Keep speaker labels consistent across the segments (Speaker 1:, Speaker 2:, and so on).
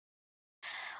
Speaker 1: Queenie.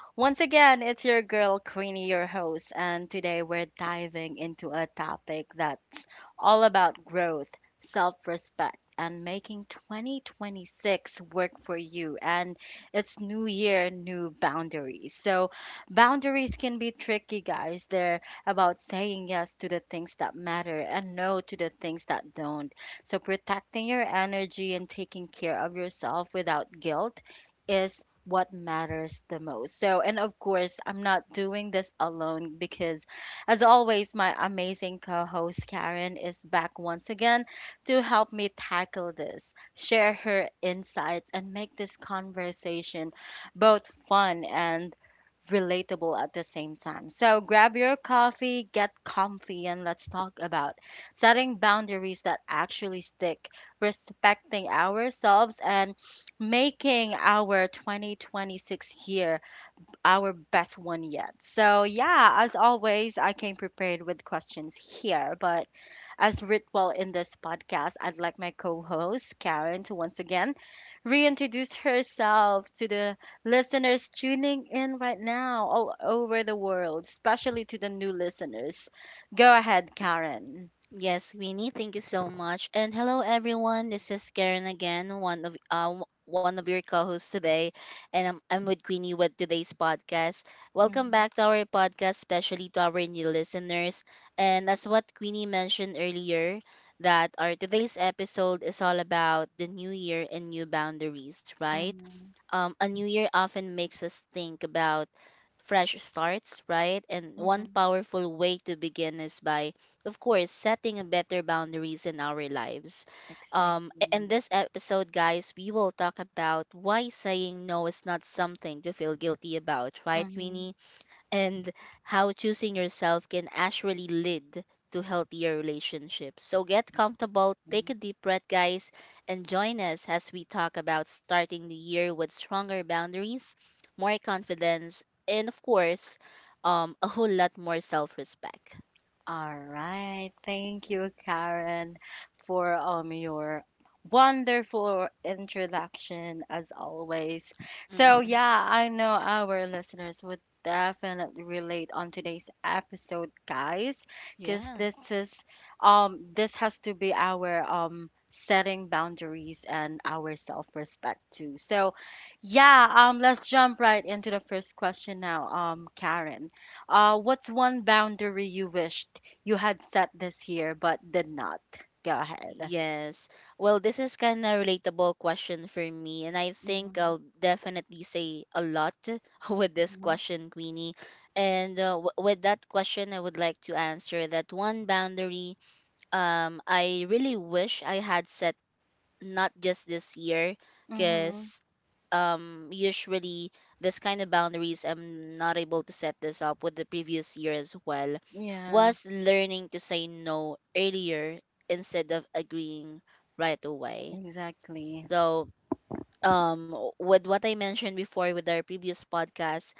Speaker 1: Once again, it's your girl Queenie, your host, and today we're diving into a topic that's all about growth, self respect, and making 2026 work for you. And it's new year, new boundaries. So, boundaries can be tricky, guys. They're about saying yes to the things that matter and no to the things that don't. So, protecting your energy and taking care of yourself without guilt is what matters the most. So, and of course, I'm not doing this alone because, as always, my amazing co host Karen is back once again to help me tackle this, share her insights, and make this conversation both fun and relatable at the same time. So grab your coffee, get comfy, and let's talk about setting boundaries that actually stick, respecting ourselves, and making our 2026 year our best one yet. So, yeah, as always, I came prepared with questions here, but as ritual in this podcast, I'd like my co host, Karen, to once again reintroduce herself to the listeners tuning in right now all over the world, especially to the new listeners. Go ahead, Karen.
Speaker 2: Yes, Winnie, thank you so much. And hello everyone. This is Karen again, one of your co-hosts today, and I'm with Queenie with today's podcast. Welcome
Speaker 1: Mm-hmm,
Speaker 2: back to our podcast, especially to our new listeners. And as what Queenie mentioned earlier, that our today's episode is all about the new year and new boundaries, right?
Speaker 1: mm-hmm,
Speaker 2: A new year often makes us think about fresh starts, right? And one
Speaker 1: mm-hmm.
Speaker 2: powerful way to begin is by, of course, setting a better boundaries in our lives. In
Speaker 1: Exactly.
Speaker 2: this episode, guys, we will talk about why saying no is not something to feel guilty about, right,
Speaker 1: Mm-hmm.
Speaker 2: Queenie? And how choosing yourself can actually lead to healthier relationships. So get comfortable, take
Speaker 1: Mm-hmm.
Speaker 2: a deep breath, guys, and join us as we talk about starting the year with stronger boundaries, more confidence, and of course, a whole lot more self respect.
Speaker 1: All right. Thank you, Karen, for your wonderful introduction as always. So
Speaker 2: Hmm
Speaker 1: yeah, I know our listeners would definitely relate on today's episode, guys, because
Speaker 2: Yeah.
Speaker 1: this has to be our setting boundaries and our self-respect too. So yeah, let's jump right into the first question now, Karen. What's one boundary you wished you had set this year but did not? Go ahead.
Speaker 2: Yes. Well, this is kind of relatable question for me, and I think
Speaker 1: Mm-hmm.
Speaker 2: I'll definitely say a lot with this question, Queenie. With that question, I would like to answer that one boundary I really wish I had set not just this year
Speaker 1: Mm-hmm.
Speaker 2: because usually this kind of boundaries I'm not able to set this up with the previous year as well,
Speaker 1: Yeah,
Speaker 2: was learning to say no earlier instead of agreeing right away.
Speaker 1: exactly.
Speaker 2: So um with what I mentioned before with our previous podcast,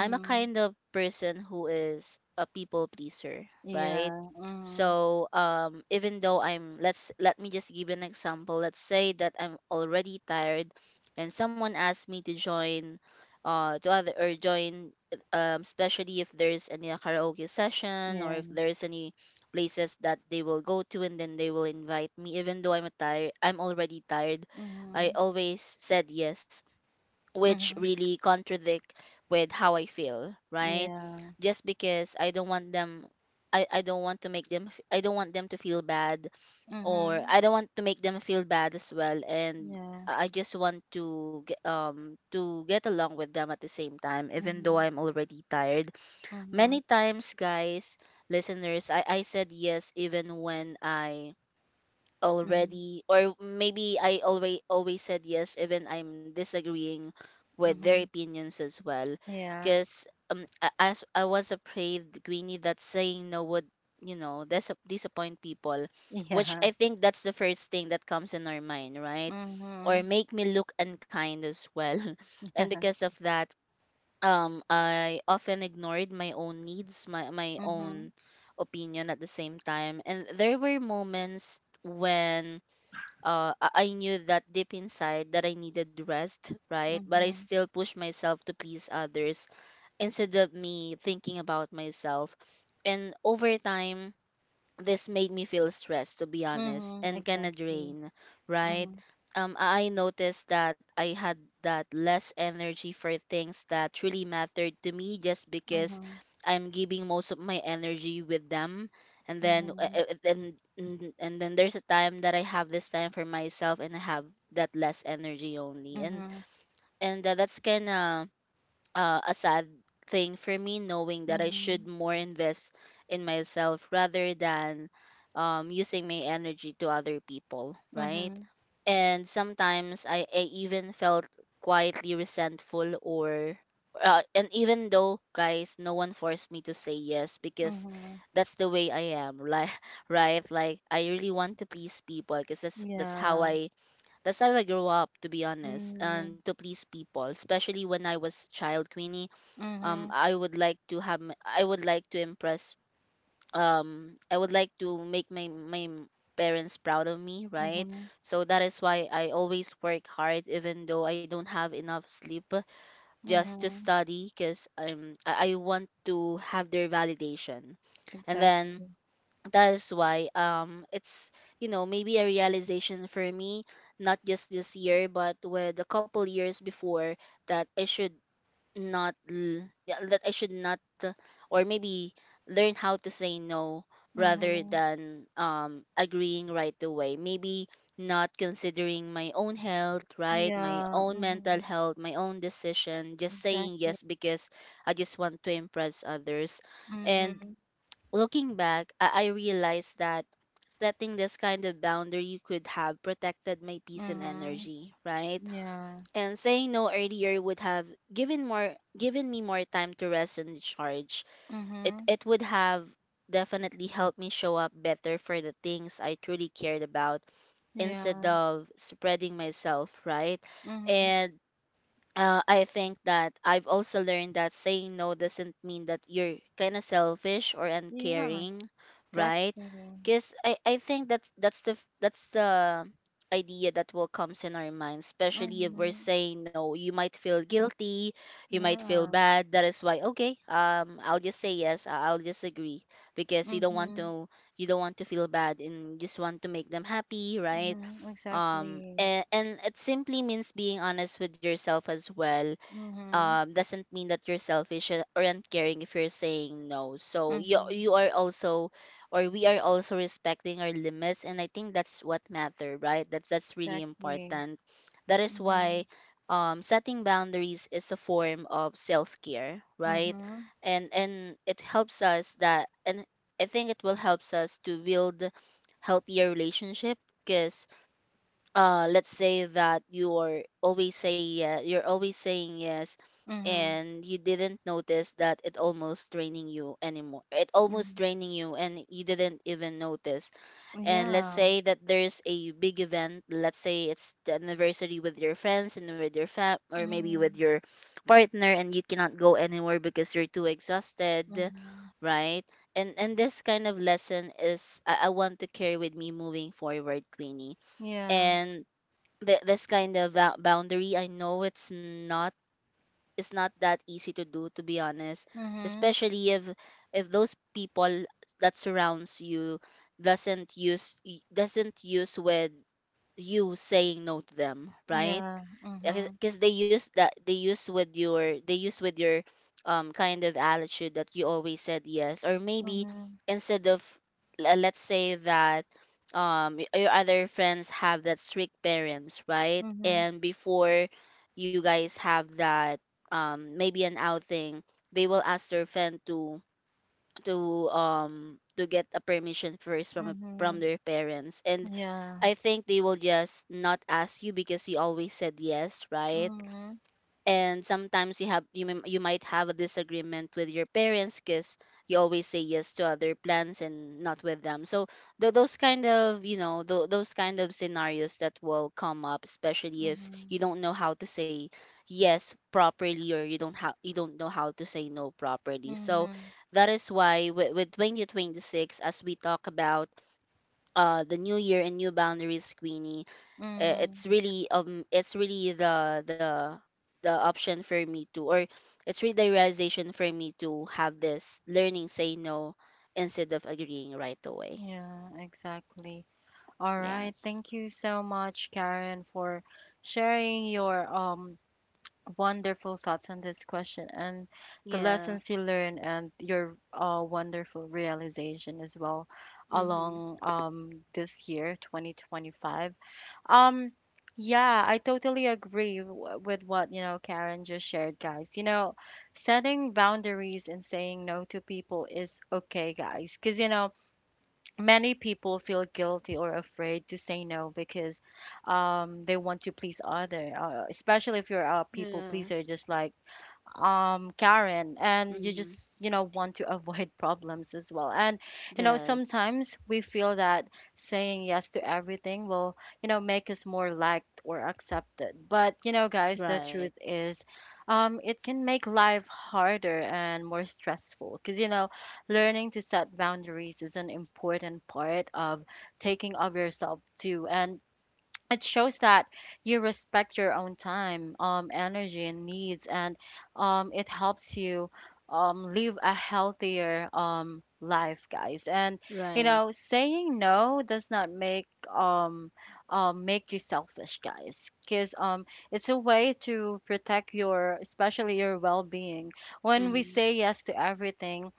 Speaker 2: I'm a kind of person who is a people pleaser, right?
Speaker 1: Yeah. Mm-hmm.
Speaker 2: So even though I'm, let me just give an example. Let's say that I'm already tired and someone asks me to join, to other or join, especially if there's any karaoke session or if
Speaker 1: Yeah.
Speaker 2: there's any places that they will go to, and then they will invite me even though I'm already tired, I
Speaker 1: Mm-hmm.
Speaker 2: always said yes, which
Speaker 1: Mm-hmm.
Speaker 2: really contradict with how I feel, right?
Speaker 1: Yeah.
Speaker 2: Just because I don't want them, I don't want to make them I don't want them to feel bad, or
Speaker 1: Mm-hmm.
Speaker 2: I don't want to make them feel bad as well, and
Speaker 1: Yeah.
Speaker 2: I just want to get to get along with them at the same time even though
Speaker 1: Mm-hmm.
Speaker 2: I'm already tired.
Speaker 1: Mm-hmm.
Speaker 2: Many times guys, listeners, I said yes even when I
Speaker 1: Mm-hmm.
Speaker 2: already, or maybe I always always said yes even I'm disagreeing with their
Speaker 1: Mm-hmm.
Speaker 2: opinions as well,
Speaker 1: Yeah.
Speaker 2: because as I was afraid, Greenie, that saying no would, you know, disappoint people, which
Speaker 1: Yeah.
Speaker 2: I think that's the first thing that comes in our mind, right, or
Speaker 1: Mm-hmm.
Speaker 2: make me look unkind as well and
Speaker 1: Yeah.
Speaker 2: because of that I often ignored my own needs, my
Speaker 1: Mm-hmm.
Speaker 2: own opinion at the same time. And there were moments when I knew that deep inside that I needed rest, right? But I
Speaker 1: Mm-hmm.
Speaker 2: still pushed myself to please others instead of me thinking about myself. And over time, this made me feel stressed, to be honest,
Speaker 1: Mm-hmm.
Speaker 2: and kind of
Speaker 1: Exactly.
Speaker 2: drain, right?
Speaker 1: Mm-hmm.
Speaker 2: I noticed that I had that less energy for things that truly mattered to me, just because
Speaker 1: Mm-hmm.
Speaker 2: I'm giving most of my energy with them. And then
Speaker 1: Mm-hmm.
Speaker 2: and then there's a time that I have this time for myself and I have that less energy only, and
Speaker 1: Mm-hmm.
Speaker 2: that's kind of a sad thing for me, knowing that I
Speaker 1: Mm-hmm.
Speaker 2: should more invest in myself rather than using my energy to other people, right?
Speaker 1: Mhm,
Speaker 2: And sometimes I even felt quietly resentful or, and even though guys, no one forced me to say yes, because
Speaker 1: mhm.
Speaker 2: that's the way I am, like right, like I really want to please people because that's how
Speaker 1: Yeah.
Speaker 2: I, that's how I grew up, to be honest,
Speaker 1: Mhm,
Speaker 2: and to please people, especially when I was child, Queenie.
Speaker 1: mhm,
Speaker 2: I would like to have, I would like to impress. I would like to make parents proud of me, right?
Speaker 1: mhm,
Speaker 2: So that is why I always work hard, even though I don't have enough sleep, just to
Speaker 1: mhm.
Speaker 2: study, cause I want to have their validation, and
Speaker 1: Exactly.
Speaker 2: then that is why it's, you know, maybe a realization for me not just this year but with a couple years before, that I should not l- yeah, that I should not or maybe learn how to say no rather
Speaker 1: Mhm.
Speaker 2: than agreeing right away, maybe not considering my own health, right, my
Speaker 1: Yeah.
Speaker 2: own mental
Speaker 1: Mhm.
Speaker 2: health, my own decision, just saying
Speaker 1: Exactly.
Speaker 2: yes because I just want to impress others. And
Speaker 1: Mhm,
Speaker 2: looking back, I realized that setting this kind of boundary could have protected my peace and
Speaker 1: mhm.
Speaker 2: energy, right?
Speaker 1: Yeah.
Speaker 2: And saying no earlier would have given me more time to rest and recharge. It
Speaker 1: Mhm.
Speaker 2: would have definitely helped me show up better for the things I truly cared about instead
Speaker 1: Yeah.
Speaker 2: of spreading myself, right?
Speaker 1: Mhm.
Speaker 2: And I think that I've also learned that saying no doesn't mean that you're kind of selfish or
Speaker 1: Yeah.
Speaker 2: uncaring, right?
Speaker 1: Exactly.
Speaker 2: Because I think that that's the idea that will comes in our minds, especially if we're
Speaker 1: Mhm.
Speaker 2: saying no. You might feel guilty, you might feel
Speaker 1: Yeah.
Speaker 2: bad. That is why, okay, I'll just say yes. I'll just agree because you don't want
Speaker 1: Mhm.
Speaker 2: to, you don't want to feel bad and just want to make them happy, right?
Speaker 1: Mhm. Exactly.
Speaker 2: And it simply means being honest with yourself as well.
Speaker 1: Mhm.
Speaker 2: Doesn't mean that you're selfish or aren't caring if you're saying no, so you
Speaker 1: Mhm.
Speaker 2: you are also, or we are also respecting our limits, and I think that's what matter, right? That's really
Speaker 1: Exactly.
Speaker 2: important. That is
Speaker 1: Mhm.
Speaker 2: why setting boundaries is a form of self-care, right?
Speaker 1: Mhm.
Speaker 2: And it helps us that, and I think it will helps us to build healthier relationship. Because let's say that you're always say yeah, you're always saying yes,
Speaker 1: Mhm.
Speaker 2: and you didn't notice that it almost draining you anymore, it almost
Speaker 1: Mhm.
Speaker 2: draining you and you didn't even notice. And let's
Speaker 1: Yeah.
Speaker 2: say that there's a big event, let's say it's the anniversary with your friends and with your fam or maybe with
Speaker 1: Mhm.
Speaker 2: your partner, and you cannot go anywhere because you're too exhausted,
Speaker 1: Mhm.
Speaker 2: right? And this kind of lesson is, I want to carry with me moving forward, Queenie.
Speaker 1: Yeah.
Speaker 2: And this kind of boundary, I know it's not, it's not that easy to do, to be honest,
Speaker 1: Mhm.
Speaker 2: especially if those people that surrounds you doesn't use doesn't use with you saying no to them, right?
Speaker 1: Yeah. Mhm.
Speaker 2: Because they use that, they use with your, they use with your kind of attitude that you always said yes, or maybe
Speaker 1: Mhm.
Speaker 2: instead of, let's say that your other friends have that strict parents, right,
Speaker 1: Mhm.
Speaker 2: and before you guys have that maybe an outing, they will ask their friend to, to get a permission first from from
Speaker 1: Mhm.
Speaker 2: their parents, and
Speaker 1: Yeah.
Speaker 2: I think they will just not ask you because you always said yes, right?
Speaker 1: Mhm.
Speaker 2: And sometimes you have, you may, you might have a disagreement with your parents because you always say yes to other plans and not with them. So those kind of, you know, those kind of scenarios that will come up, especially if you
Speaker 1: Mhm.
Speaker 2: don't know how to say yes properly, or you don't how you don't know how to say no properly. So
Speaker 1: Mhm.
Speaker 2: that is why with 2026, as we talk about the new year and new boundaries, Queenie, it's
Speaker 1: Mhm.
Speaker 2: really, it's really the the option for me, to, or it's really the realization for me to have this learning say no instead of agreeing right away.
Speaker 1: Yeah, exactly. All right.
Speaker 2: Yes.
Speaker 1: Thank you so much, Karen, for sharing your wonderful thoughts on this question and the
Speaker 2: Yeah.
Speaker 1: lessons you learned and your wonderful realization as well
Speaker 2: Mm-hmm.
Speaker 1: along this year, 2025. Um, yeah, I totally agree with what, Karen just shared, guys. You know, setting boundaries and saying no to people is okay, guys, because, you know, many people feel guilty or afraid to say no because they want to please other, especially if you're a people
Speaker 2: Yeah.
Speaker 1: pleaser, just like Karen, and you
Speaker 2: Mm-hmm.
Speaker 1: just want to avoid problems as well. And you know,
Speaker 2: Yes.
Speaker 1: sometimes we feel that saying yes to everything will make us more liked or accepted, but you know, guys, the
Speaker 2: Right.
Speaker 1: truth is it can make life harder and more stressful, because you know, learning to set boundaries is an important part of taking of yourself too, and it shows that you respect your own time, energy and needs, and it helps you live a healthier life, guys. And you
Speaker 2: Right.
Speaker 1: know, saying no does not make um, make you selfish, guys, because it's a way to protect your, especially your well-being. When we
Speaker 2: Mm-hmm.
Speaker 1: say yes to everything,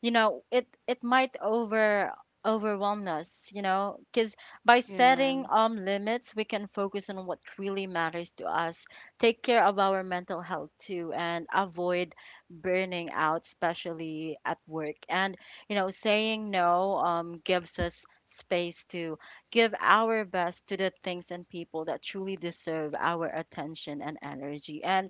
Speaker 1: you know, it might overwhelm us, you know, because by
Speaker 2: Yeah.
Speaker 1: setting limits we can focus on what really matters to us, take care of our mental health too, and avoid burning out, especially at work. And you know, saying no gives us space to give our best to the things and people that truly deserve our attention and energy. And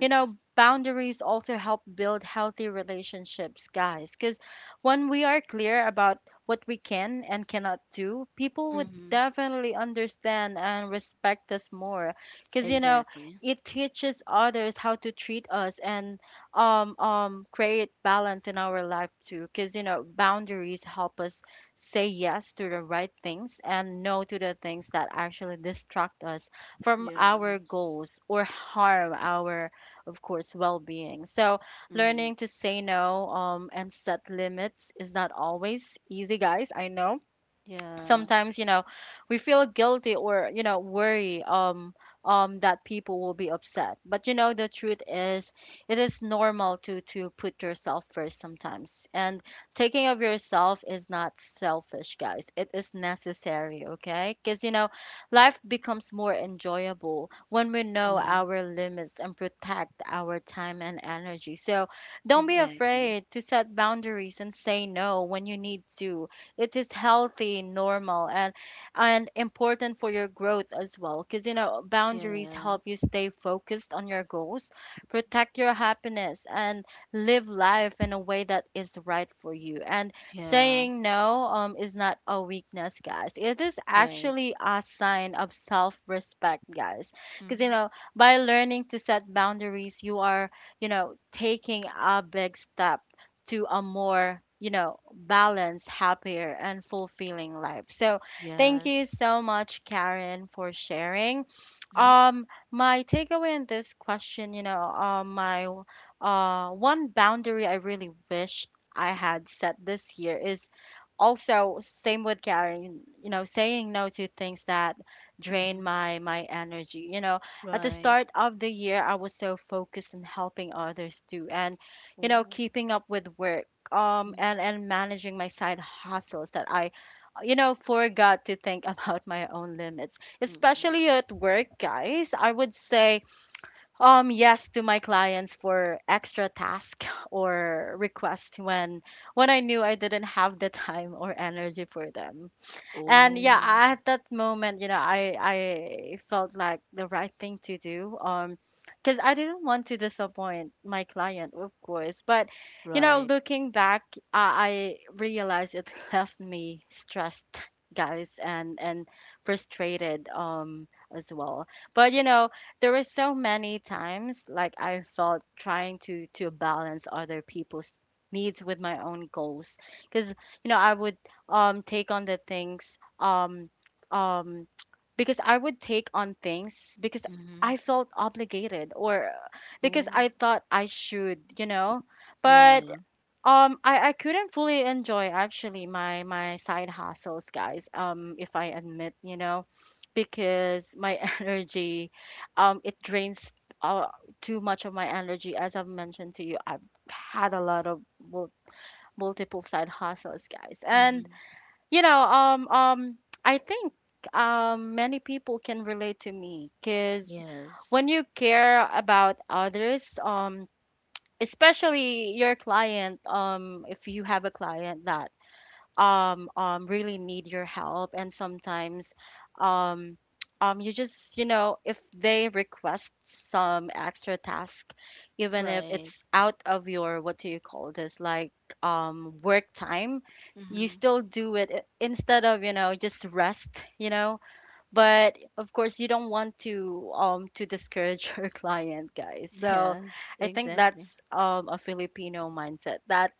Speaker 1: you know, boundaries also help build healthy relationships, guys, because when we are clear about what we can and cannot do, people would
Speaker 2: Mm-hmm.
Speaker 1: definitely understand and respect us more, because you know,
Speaker 2: Exactly.
Speaker 1: it teaches others how to treat us and create balance in our life too, because you know, boundaries help us say yes to the right things and no to the things that actually distract us from
Speaker 2: Yeah.
Speaker 1: our goals or harm our, of course, well being. So,
Speaker 2: Mm-hmm.
Speaker 1: learning to say no and set limits is not always easy, guys. I know
Speaker 2: Yeah.
Speaker 1: sometimes, you know, we feel guilty or, you know, worry that people will be upset, but you know, the truth is, it is normal to put yourself first sometimes, and taking of yourself is not selfish, guys, it is necessary, okay, because you know, life becomes more enjoyable when we know
Speaker 2: Mm-hmm.
Speaker 1: our limits and protect our time and energy. So don't be
Speaker 2: Exactly.
Speaker 1: afraid to set boundaries and say no when you need to. It is healthy, normal, and important for your growth as well, because you know, boundaries
Speaker 2: Yeah.
Speaker 1: help you stay focused on your goals, protect your happiness, and live life in a way that is right for you. And
Speaker 2: Yeah.
Speaker 1: saying no is not a weakness, guys, it is
Speaker 2: Right.
Speaker 1: actually a sign of self-respect, guys, because you
Speaker 2: Mm-hmm.
Speaker 1: know, by learning to set boundaries you are, you know, taking a big step to a more, you know, balanced, happier, and fulfilling life. So thank you
Speaker 2: Yes.
Speaker 1: so much, Karen, for sharing.
Speaker 2: Mm-hmm.
Speaker 1: My takeaway in this question, you know, my one boundary I really wished I had set this year is also same with Karen, you know, saying no to things that drain
Speaker 2: Mm-hmm.
Speaker 1: my energy. You know, at the
Speaker 2: Right.
Speaker 1: start of the year, I was so focused on helping others too, and you know,
Speaker 2: Oh.
Speaker 1: keeping up with work,
Speaker 2: Mm-hmm.
Speaker 1: and managing my side hustles that I, you know, forgot to think about my own limits, especially at work, guys. I would say, yes to my clients for extra tasks or requests when I knew I didn't have the time or energy for them. And yeah,
Speaker 2: Oh.
Speaker 1: at that moment, you know, I, felt like the right thing to do. Because I didn't want to disappoint my client, of course. But you know,
Speaker 2: Right.
Speaker 1: looking back, I, realized it left me stressed, guys, and frustrated as well. But you know, there were so many times like I felt trying to balance other people's needs with my own goals, because you know, I would take on the things um um because I would take on things because I
Speaker 2: Mm-hmm.
Speaker 1: felt obligated or because
Speaker 2: Oh.
Speaker 1: I thought I should, you know.
Speaker 2: Yeah.
Speaker 1: But I, couldn't fully enjoy actually my side hustles, guys, if I admit, you know, because my energy it drains uh, too much of my energy as I've mentioned to you. I've had a lot of mul- multiple side hustles, guys. And
Speaker 2: Mm-hmm.
Speaker 1: you know, I think many people can relate to me, because when
Speaker 2: Yes.
Speaker 1: you care about others, especially your client, if you have a client that really need your help, and sometimes um, you just, you know, if they request some extra task, even if
Speaker 2: Right.
Speaker 1: it's out of your, what do you call this, like work time, you
Speaker 2: Mm-hmm.
Speaker 1: still do it instead of, you know, just rest, you know. But of course, you don't want to discourage your client, guys. So
Speaker 2: Yes.
Speaker 1: I think
Speaker 2: Exactly.
Speaker 1: that's a Filipino mindset, that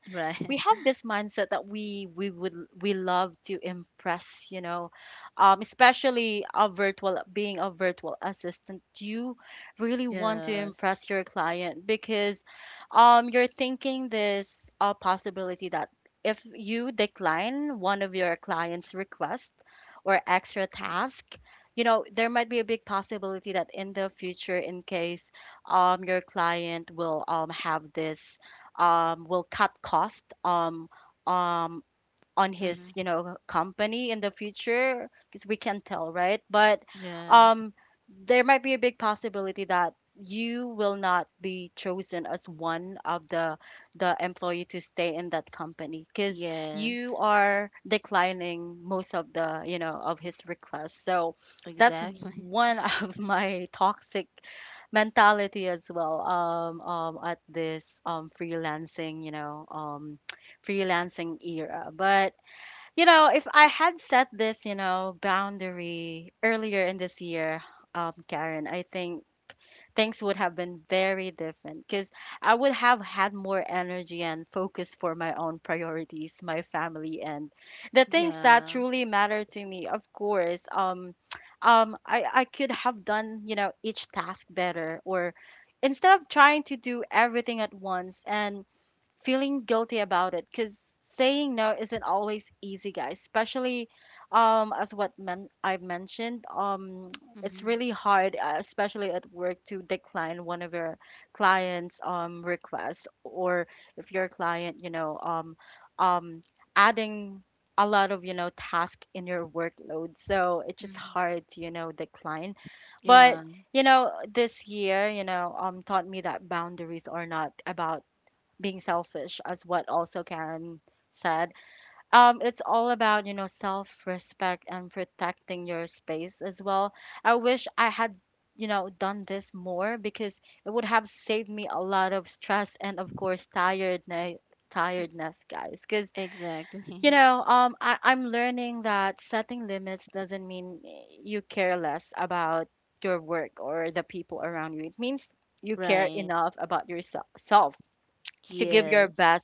Speaker 1: we
Speaker 2: Right.
Speaker 1: have this mindset that we would, we love to impress, you know, especially a virtual being a virtual assistant, you really want to
Speaker 2: Yes.
Speaker 1: impress your client, because you're thinking this possibility that if you decline one of your clients request or extra task, you know, there might be a big possibility that in the future, in case your client will have this will cut cost um, on his,
Speaker 2: Mm-hmm.
Speaker 1: you know, company in the future, because we can tell, right? But
Speaker 2: Yeah.
Speaker 1: um there might be a big possibility that you will not be chosen as one of the employee to stay in that company because you
Speaker 2: Yes.
Speaker 1: are declining most of the, you know, of his requests. So that's
Speaker 2: Exactly.
Speaker 1: one of my toxic mentality as well, at this freelancing, you know, freelancing era. But you know, if I had set this, you know, boundary earlier in this year, Karen, I think things would have been very different, because I would have had more energy and focus for my own priorities, my family, and the things that
Speaker 2: Yeah.
Speaker 1: truly matter to me. Of course, I could have done, each task better, or instead of trying to do everything at once and feeling guilty about it because saying no isn't always easy, guys, especially as what I have mentioned. It's
Speaker 2: Mm-hmm.
Speaker 1: really hard, especially at work, to decline one of your clients' requests, or if your client, um adding a lot of, task in your workload. So it's just
Speaker 2: Mm-hmm.
Speaker 1: hard to, decline. But
Speaker 2: Yeah.
Speaker 1: this year, taught me that boundaries are not about being selfish, as what also Karen said. It's all about, you know, self-respect and protecting your space as well. I wish I had, done this more, because it would have saved me a lot of stress, and of course, tiredness, guys, because
Speaker 2: Exactly.
Speaker 1: I'm learning that setting limits doesn't mean you care less about your work or the people around you. It means you care
Speaker 2: Right.
Speaker 1: enough about yourself self to give your
Speaker 2: Yes.
Speaker 1: best,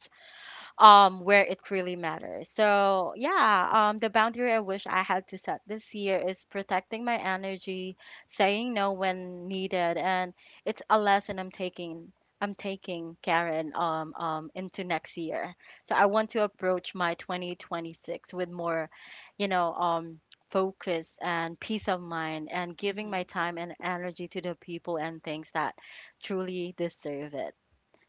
Speaker 1: where it really matters. So, yeah, the boundary I wish I had to set this year is protecting my energy, saying no when needed, and it's a lesson I'm taking. I'm taking, Karen, into next year. So I want to approach my 2026 with more, you know, um, focus and peace of mind, and giving
Speaker 2: Mm-hmm.
Speaker 1: my time and energy to the people and things that truly deserve it.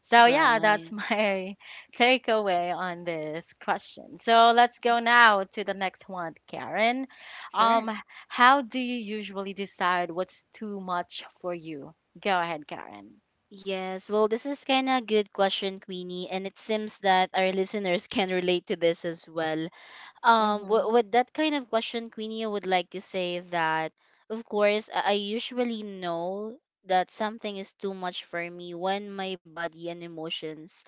Speaker 1: So yeah, that's
Speaker 2: Right.
Speaker 1: my takeaway on this question. So let's go now to the next one, Karen. Um,
Speaker 2: Sure.
Speaker 1: how do you usually decide what's too much for you? Go ahead, Karen.
Speaker 2: Yes, well, this is kind of a good question, Queenie, and it seems that our listeners can relate to this as well.
Speaker 1: Mm-hmm.
Speaker 2: With that kind of question, Queenie, I would like to say that, of course, I usually know that something is too much for me when my body and emotions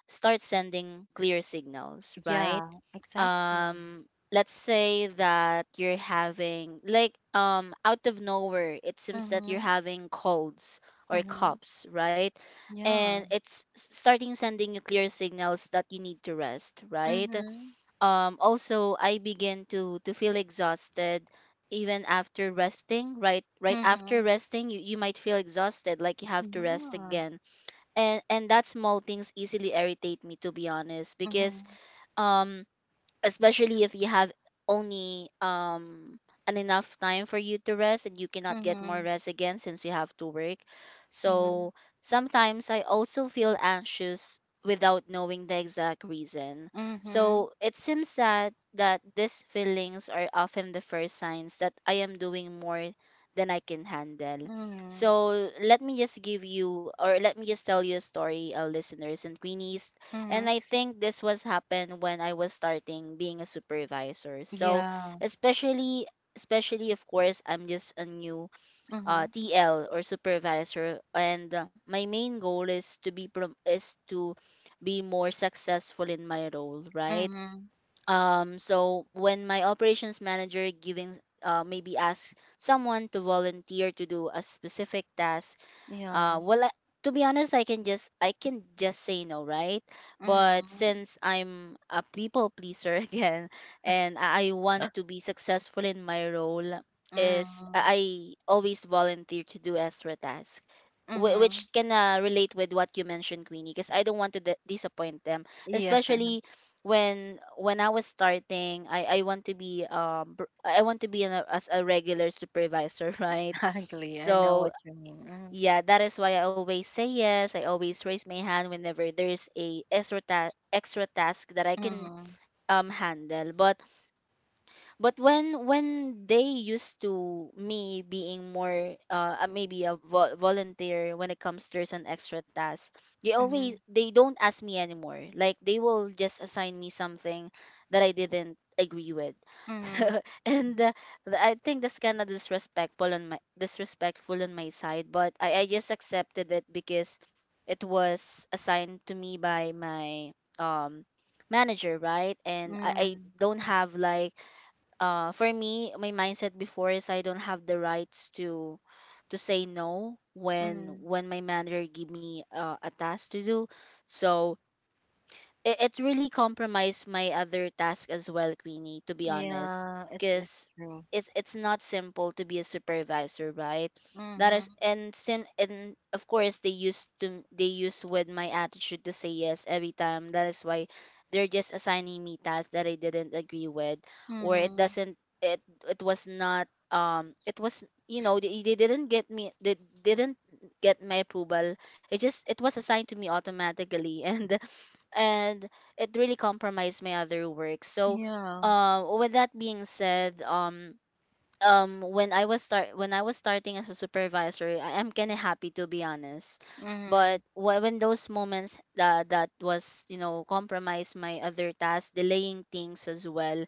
Speaker 2: start sending clear signals, right?
Speaker 1: Yeah, exactly.
Speaker 2: um let's say that you're having like out of nowhere it seems that you're
Speaker 1: Mm-hmm.
Speaker 2: having colds or
Speaker 1: Mm-hmm.
Speaker 2: coughs, right? And
Speaker 1: Yeah.
Speaker 2: it's starting sending you clear signals that you need to rest, right?
Speaker 1: Mm-hmm.
Speaker 2: Also I begin to feel exhausted even after resting, right? Right after
Speaker 1: Mm-hmm.
Speaker 2: resting you, you might feel exhausted, like you have to rest
Speaker 1: Yeah.
Speaker 2: again. And that small things easily irritate me, to be honest, because
Speaker 1: Mm-hmm.
Speaker 2: um especially if you have only an enough time for you to rest and you cannot get more
Speaker 1: Mm-hmm.
Speaker 2: rest again since you have to work.
Speaker 1: Mm-hmm.
Speaker 2: So sometimes I also feel anxious without knowing the exact reason.
Speaker 1: Mm-hmm.
Speaker 2: So it seems that these feelings are often the first signs that I am doing more than I can handle.
Speaker 1: Mm-hmm.
Speaker 2: So let me just give you, or let me just tell you a story, listeners and Queenies,
Speaker 1: Mm-hmm.
Speaker 2: and I think this was happened when I was starting being a supervisor. So
Speaker 1: Yeah.
Speaker 2: especially, especially, of course I'm just a new
Speaker 1: Mm-hmm.
Speaker 2: TL or supervisor, and my main goal is to is to be more successful in my role, right?
Speaker 1: Mm-hmm.
Speaker 2: So when my operations manager giving maybe ask someone to volunteer to do a specific task,
Speaker 1: Yeah.
Speaker 2: well, I, to be honest, I can just say no, right? But
Speaker 1: Mm-hmm.
Speaker 2: since I'm a people pleaser again, and I want to be successful in my role, is
Speaker 1: Mm,
Speaker 2: I always volunteer to do extra tasks, which
Speaker 1: mhm.
Speaker 2: can relate with what you mentioned, Queenie, because I don't want to disappoint them,
Speaker 1: Yeah,
Speaker 2: especially when I was starting. I want to be I want to be as a regular supervisor, right?
Speaker 1: exactly. I know
Speaker 2: So
Speaker 1: what you mean.
Speaker 2: yeah, that is why I always say yes. I always raise my hand whenever there's a extra extra task that I
Speaker 1: Mm,
Speaker 2: can
Speaker 1: mhm,
Speaker 2: handle. But when they used to me being more maybe a volunteer when it comes to there's an extra task,
Speaker 1: mhm,
Speaker 2: they don't ask me anymore, like they will just assign me something that I didn't agree with
Speaker 1: mhm,
Speaker 2: and I think that's kind of disrespectful on my side. But I just accepted it because it was assigned to me by my um manager, right? I
Speaker 1: mm,
Speaker 2: don't have like for me, my mindset before is I don't have the rights to say no when
Speaker 1: mm.
Speaker 2: my manager give me a task to do. So it really compromised my other task as well, Queenie, to be honest.
Speaker 1: Yeah, it's
Speaker 2: Because
Speaker 1: true.
Speaker 2: it's not simple to be a supervisor, right? That is,
Speaker 1: Mhm,
Speaker 2: and of course they used to, they use with my attitude to say yes every time. That is why they're just assigning me tasks that I didn't agree with, or it
Speaker 1: mhm.
Speaker 2: doesn't, it was not it was you know they didn't get me, they didn't get my approval. It just, it was assigned to me automatically and it really compromised my other work. So, uh,
Speaker 1: Yeah.
Speaker 2: with that being said, when I was start, when I was starting as a supervisor, I am kind of happy, to be honest. But
Speaker 1: Mhm,
Speaker 2: when those moments that that was you know compromise my other tasks, delaying things as well,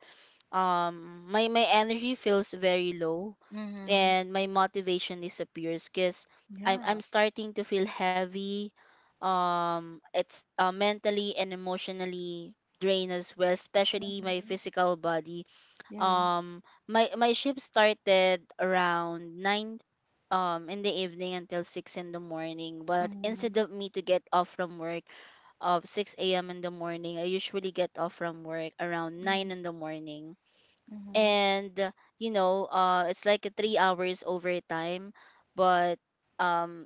Speaker 2: my my energy feels very low
Speaker 1: mhm.
Speaker 2: and my motivation disappears because I'm
Speaker 1: Yeah.
Speaker 2: starting to feel heavy. It's mentally and emotionally drained as well, especially my
Speaker 1: Mhm.
Speaker 2: physical body.
Speaker 1: Yeah.
Speaker 2: Um, my my shift started around nine in the evening until six in the morning. But instead
Speaker 1: Mhm,
Speaker 2: of me to get off from work of six a.m. in the morning, I usually get off from work around nine
Speaker 1: mhm,
Speaker 2: in the morning,
Speaker 1: mhm,
Speaker 2: and you know it's like a 3 hours overtime. But um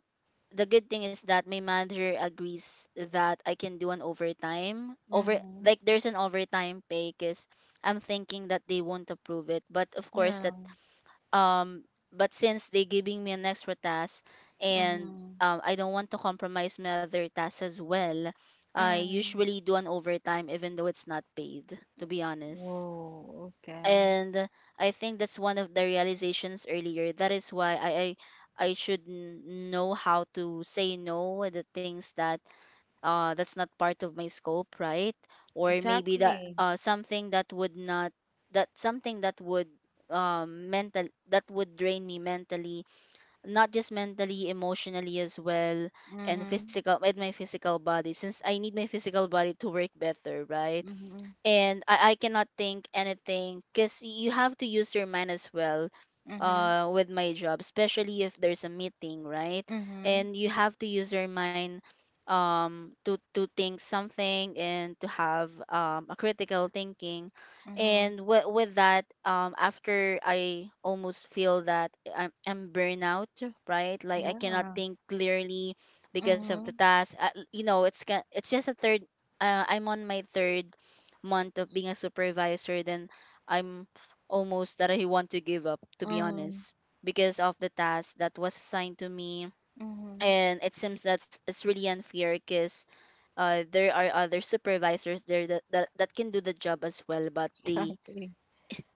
Speaker 2: the good thing is that my manager agrees that I can do an overtime over,
Speaker 1: mhm.
Speaker 2: like there's an overtime pay, because I'm thinking that they won't approve it, but of course that
Speaker 1: Yeah.
Speaker 2: um but since they giving me an extra task, and
Speaker 1: Mhm,
Speaker 2: I don't want to compromise my other tasks as well, I
Speaker 1: mhm.
Speaker 2: usually do an overtime even though it's not paid, to be honest.
Speaker 1: Whoa. Okay.
Speaker 2: And I think that's one of the realizations earlier. That is why I, I should know how to say no with the things that that's not part of my scope, right? Or maybe that
Speaker 1: Exactly.
Speaker 2: something that would not, that something that would mental that would drain me mentally, not just mentally, emotionally as well,
Speaker 1: Mhm,
Speaker 2: and my physical body, since I need my physical body to work better, right?
Speaker 1: mhm,
Speaker 2: And I cannot think anything because you have to use your mind as well
Speaker 1: mhm,
Speaker 2: with my job, especially if there's a meeting, right?
Speaker 1: mhm,
Speaker 2: And you have to use your mind to think something and to have a critical thinking.
Speaker 1: mhm.
Speaker 2: With that after I almost feel that I'm burnout, right? Like I cannot
Speaker 1: Yeah.
Speaker 2: think clearly because of the
Speaker 1: Mhm,
Speaker 2: task, you know it's it's just a third, I'm on my third month of being a supervisor, then I'm almost that I want to give up, to be
Speaker 1: mhm,
Speaker 2: honest, because of the task that was assigned to me.
Speaker 1: mhm,
Speaker 2: And it seems that's it's really unfair because there are other supervisors there that, that can do the job as well, but they
Speaker 1: exactly.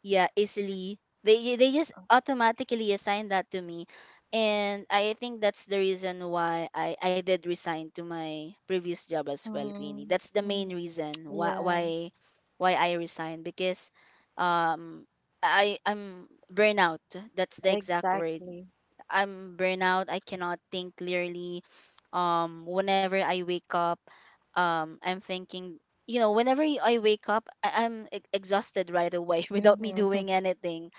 Speaker 2: yeah easily they just automatically assign that to me. And I think that's the reason why I did resign to my previous job as well, Queenie.
Speaker 1: Mhm,
Speaker 2: That's the main
Speaker 1: mhm.
Speaker 2: reason why
Speaker 1: Yeah,
Speaker 2: why why I resigned. Because um I, I'm burnout, that's the exact word.
Speaker 1: exactly.
Speaker 2: I'm burnout, I cannot think clearly. Whenever I wake up, I'm thinking, you know, whenever I wake up, I'm exhausted right away without me
Speaker 1: Mhm,
Speaker 2: doing anything,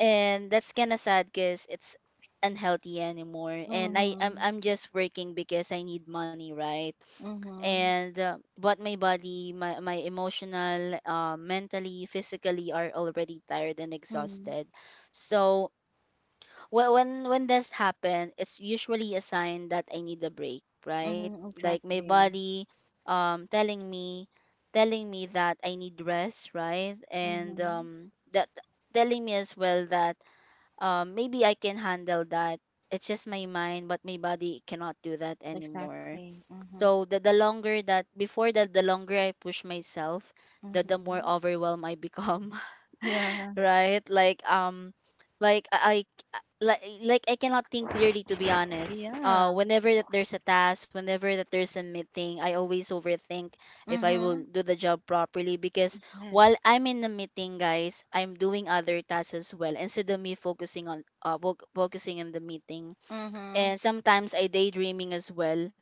Speaker 2: and that's kind of sad because it's unhealthy anymore. And I, I'm
Speaker 1: mhm,
Speaker 2: I'm just working because I need money, right?
Speaker 1: mhm,
Speaker 2: And but my body, my emotional, mentally, physically are already tired and
Speaker 1: mhm,
Speaker 2: exhausted. So well, when this happen, it's usually a sign that I need a break, right?
Speaker 1: mhm,
Speaker 2: Like my
Speaker 1: exactly.
Speaker 2: body telling me, telling me that I need rest, right? And
Speaker 1: Mhm,
Speaker 2: that telling me as well that maybe I can handle that. It's just my mind, but my body cannot do that anymore.
Speaker 1: exactly. Mhm,
Speaker 2: So the longer that before that, the longer I push myself, the more
Speaker 1: mhm.
Speaker 2: overwhelmed I become.
Speaker 1: Yeah,
Speaker 2: right? Like I like I cannot think clearly, to be honest.
Speaker 1: yeah.
Speaker 2: Whenever that there's a task, whenever that there's a meeting, I always overthink if I will
Speaker 1: Mhm,
Speaker 2: do the job properly, because while
Speaker 1: yes.
Speaker 2: I'm in the meeting, guys, I'm doing other tasks as well instead of me focusing on focusing on the meeting.
Speaker 1: Mhm,
Speaker 2: And sometimes I daydreaming as well,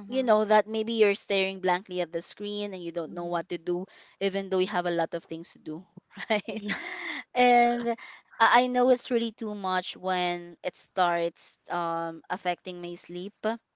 Speaker 2: you know, that maybe you're staring blankly at the screen and you don't know
Speaker 1: mhm.
Speaker 2: what to do even though you have a lot of things to do right.
Speaker 1: Yeah.
Speaker 2: and I know it's really too much when it starts affecting my sleep,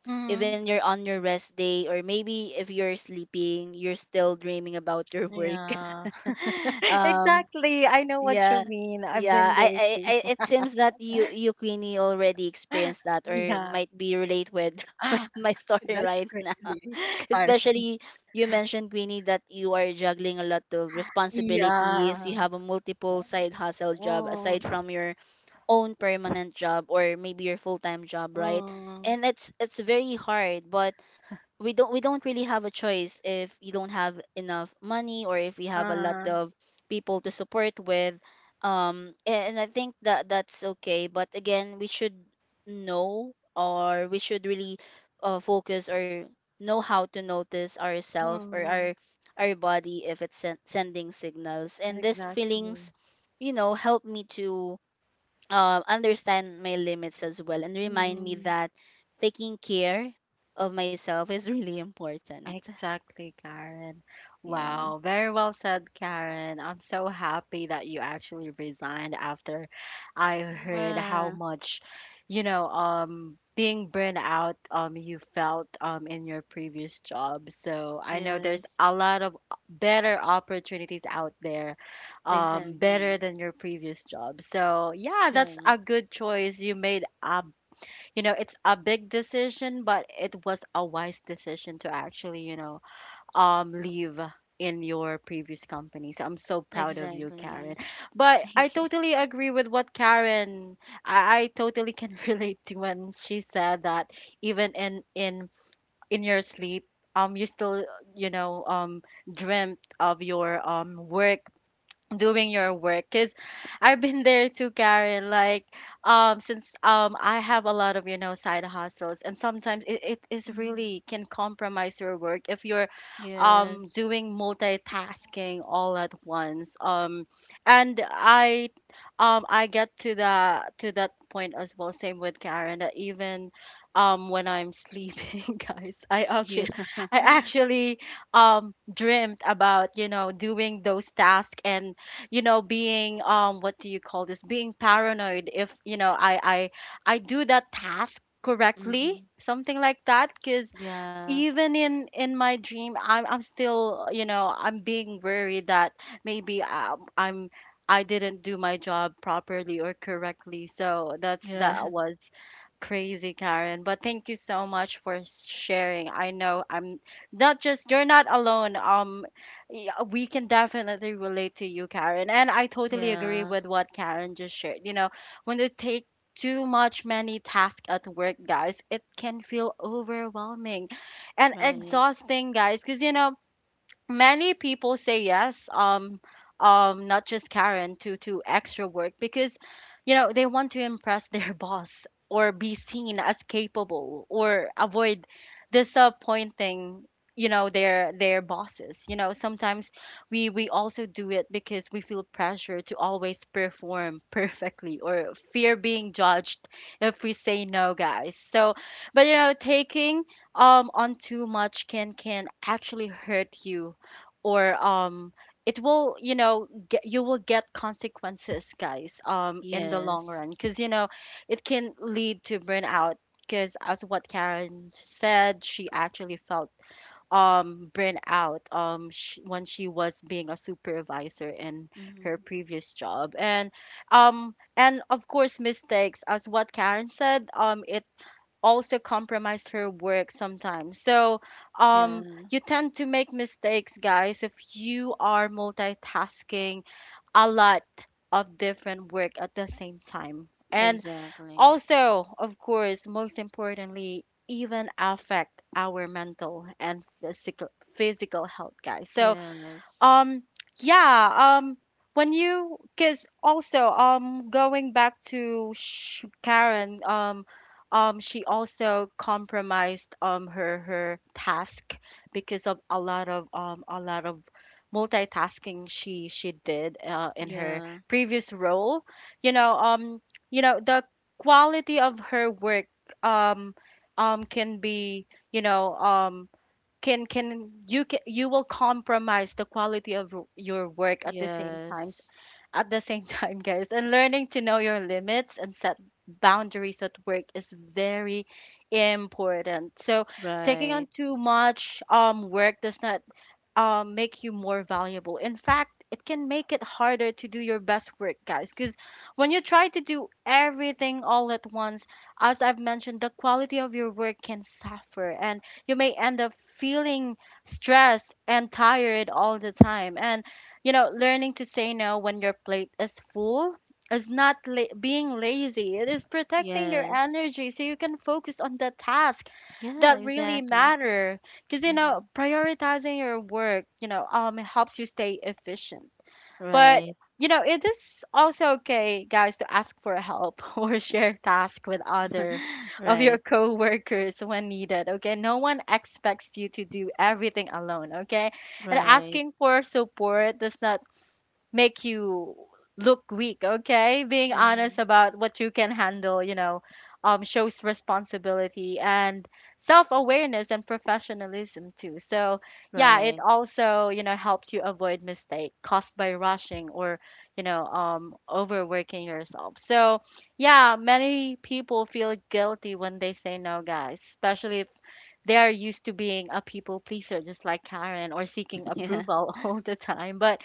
Speaker 1: Mhm,
Speaker 2: even you're on your rest day, or maybe if you're sleeping you're still dreaming about your work.
Speaker 1: yeah.
Speaker 2: um
Speaker 1: Exactly. I know what
Speaker 2: yeah.
Speaker 1: you mean. I've
Speaker 2: Yeah.
Speaker 1: been there too.
Speaker 2: I it seems that you Queenie already experienced that, or
Speaker 1: Yeah.
Speaker 2: might be relate with with my story
Speaker 1: That's
Speaker 2: right now.
Speaker 1: crazy.
Speaker 2: Especially you mentioned, Queenie, that you are juggling a lot of responsibilities. You
Speaker 1: Yeah.
Speaker 2: have a multiple side hustle job aside
Speaker 1: Oh.
Speaker 2: from your own permanent job, or maybe your full-time job, right?
Speaker 1: Mm,
Speaker 2: And it's very hard, but we don't really have a choice if you don't have enough money, or if you have a lot
Speaker 1: uh,
Speaker 2: of people to support with. And I think that that's okay, but again we should know, or we should really focus or know how to notice ourselves, or
Speaker 1: mm,
Speaker 2: our body if it's sending signals. And these
Speaker 1: exactly.
Speaker 2: feelings, you know, help me to understand my limits as well, and remind me
Speaker 1: Mm,
Speaker 2: that taking care of myself is really important.
Speaker 1: exactly, Karen.
Speaker 2: Yeah.
Speaker 1: Wow, very well said, Karen. I'm so happy that you actually resigned after I heard how
Speaker 2: Yeah.
Speaker 1: much, you know, being burned out, you felt, in your previous job. So I know there's
Speaker 2: Yes.
Speaker 1: a lot of better opportunities out there, better
Speaker 2: Exactly.
Speaker 1: than your previous job. So yeah,
Speaker 2: Yeah.
Speaker 1: that's a good choice. You know, it's a big decision, but it was a wise decision to actually, leave in your previous company. So I'm so proud of you, Karen,
Speaker 2: Exactly.
Speaker 1: but I
Speaker 2: Thank you.
Speaker 1: totally agree with what Karen— I totally can relate to when she said that even in your sleep, you still, you know um dreamt of your, work, doing your work, because I've been there too, Karen. Like, since, I have a lot of, you know, side hustles, and sometimes it is
Speaker 2: Mm.
Speaker 1: really can compromise your work if you're
Speaker 2: Yes.
Speaker 1: doing multitasking all at once, and I get to that point as well, same with Karen, that even when I'm sleeping, guys,
Speaker 2: Yeah.
Speaker 1: I actually dreamt about, you know, doing those tasks, and, you know, being, what do you call this, being paranoid if, I do that task
Speaker 2: mm-hmm.
Speaker 1: correctly, something like that, because
Speaker 2: Yeah.
Speaker 1: even in my dream, I'm still, you know, I'm being worried that maybe, I didn't do my job properly or correctly. So that's— that
Speaker 2: Yes.
Speaker 1: was crazy, Karen. But thank you so much for sharing. I know— I'm— not just— you're not alone. Yeah, we can definitely relate to you, Karen. And I totally agree
Speaker 2: Yeah.
Speaker 1: with what Karen just shared. You know, when they take too much, many tasks at work, guys, it can feel overwhelming and
Speaker 2: Right.
Speaker 1: exhausting, guys. Because, you know, many people say yes, not just Karen, to extra work, because, you know, they want to impress their boss or be seen as capable, or avoid disappointing, you know, their bosses. You know, sometimes we also do it because we feel pressure to always perform perfectly, or fear being judged if we say no, guys, so. But, you know, taking on too much can actually hurt you, or it will, get— you will get consequences, guys, in the long
Speaker 2: Yes.
Speaker 1: run, because, you know, it can lead to burnout, because, as what Karen said, she actually felt burnout sh when she was being a supervisor in her
Speaker 2: Mm-hmm.
Speaker 1: previous job. And and of course, mistakes, as what Karen said, it also compromised her work sometimes. So,
Speaker 2: Yeah.
Speaker 1: you tend to make mistakes, guys, if you are multitasking a lot of different work at the same time. And
Speaker 2: Exactly.
Speaker 1: also, of course, most importantly, even affect our mental and physical health, guys. So,
Speaker 2: Yes.
Speaker 1: um, yeah, when you— because also, going back to Sh Karen, she also compromised, her task because of a lot of— a lot of multitasking she did, in her
Speaker 2: Yeah.
Speaker 1: previous role. You know, um, you know, the quality of her work um can be, you know, can you will compromise the quality of your work at the same time,
Speaker 2: Yes.
Speaker 1: at the same time, guys. And learning to know your limits and set boundaries at work is very important, so taking
Speaker 2: Right.
Speaker 1: on too much work does not, make you more valuable. In fact, it can make it harder to do your best work, guys, because when you try to do everything all at once, as I've mentioned, the quality of your work can suffer and you may end up feeling stressed and tired all the time. And, you know, learning to say no when your plate is full is not being lazy. It is protecting your
Speaker 2: Yes.
Speaker 1: energy so you can focus on the task
Speaker 2: Yeah,
Speaker 1: that really
Speaker 2: exactly.
Speaker 1: matter, because, you
Speaker 2: Mm-hmm.
Speaker 1: know, prioritizing your work, you know, helps you stay efficient. But,
Speaker 2: Right.
Speaker 1: you know, it is also okay, guys, to ask for help or share tasks with other of your
Speaker 2: Right.
Speaker 1: coworkers when needed, okay? No one expects you to do everything alone, okay? And
Speaker 2: Right.
Speaker 1: asking for support does not make you look weak, okay? Being
Speaker 2: Mm-hmm.
Speaker 1: honest about what you can handle, you know, shows responsibility and self awareness and professionalism too. So, yeah, it
Speaker 2: Right.
Speaker 1: also, you know, helps you avoid mistake caused by rushing, or, you know, overworking yourself. So, yeah, many people feel guilty when they say no, guys, especially if they are used to being a people pleaser just like Karen, or seeking
Speaker 2: Yeah.
Speaker 1: approval all the time. But,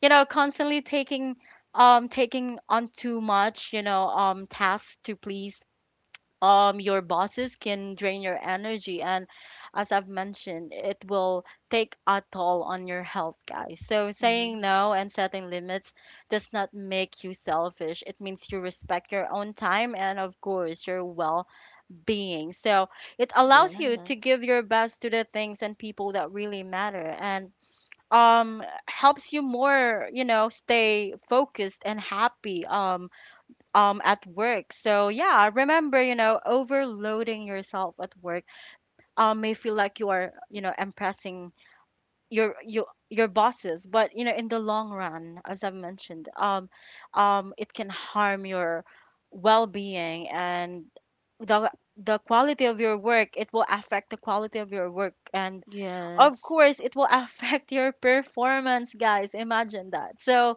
Speaker 1: you know, constantly taking on too much, you know, tasks to please your bosses can drain your energy, and, as I've mentioned, it will take a toll on your health, guys. So saying
Speaker 2: Mm-hmm.
Speaker 1: no and setting limits does not make you selfish. It means you respect your own time and of course your well-being, so it allows you
Speaker 2: Yeah.
Speaker 1: to give your best to the things and people that really matter, and helps you more, you know, stay focused and happy, at work. So yeah, remember, you know, overloading yourself at work may feel like you are, you know, impressing your bosses, but, you know, in the long run, as I've mentioned, it can harm your well-being and the the quality of your work. It will affect the quality of your work, and of
Speaker 2: Yes.
Speaker 1: course it will affect your performance, guys. Imagine that. So,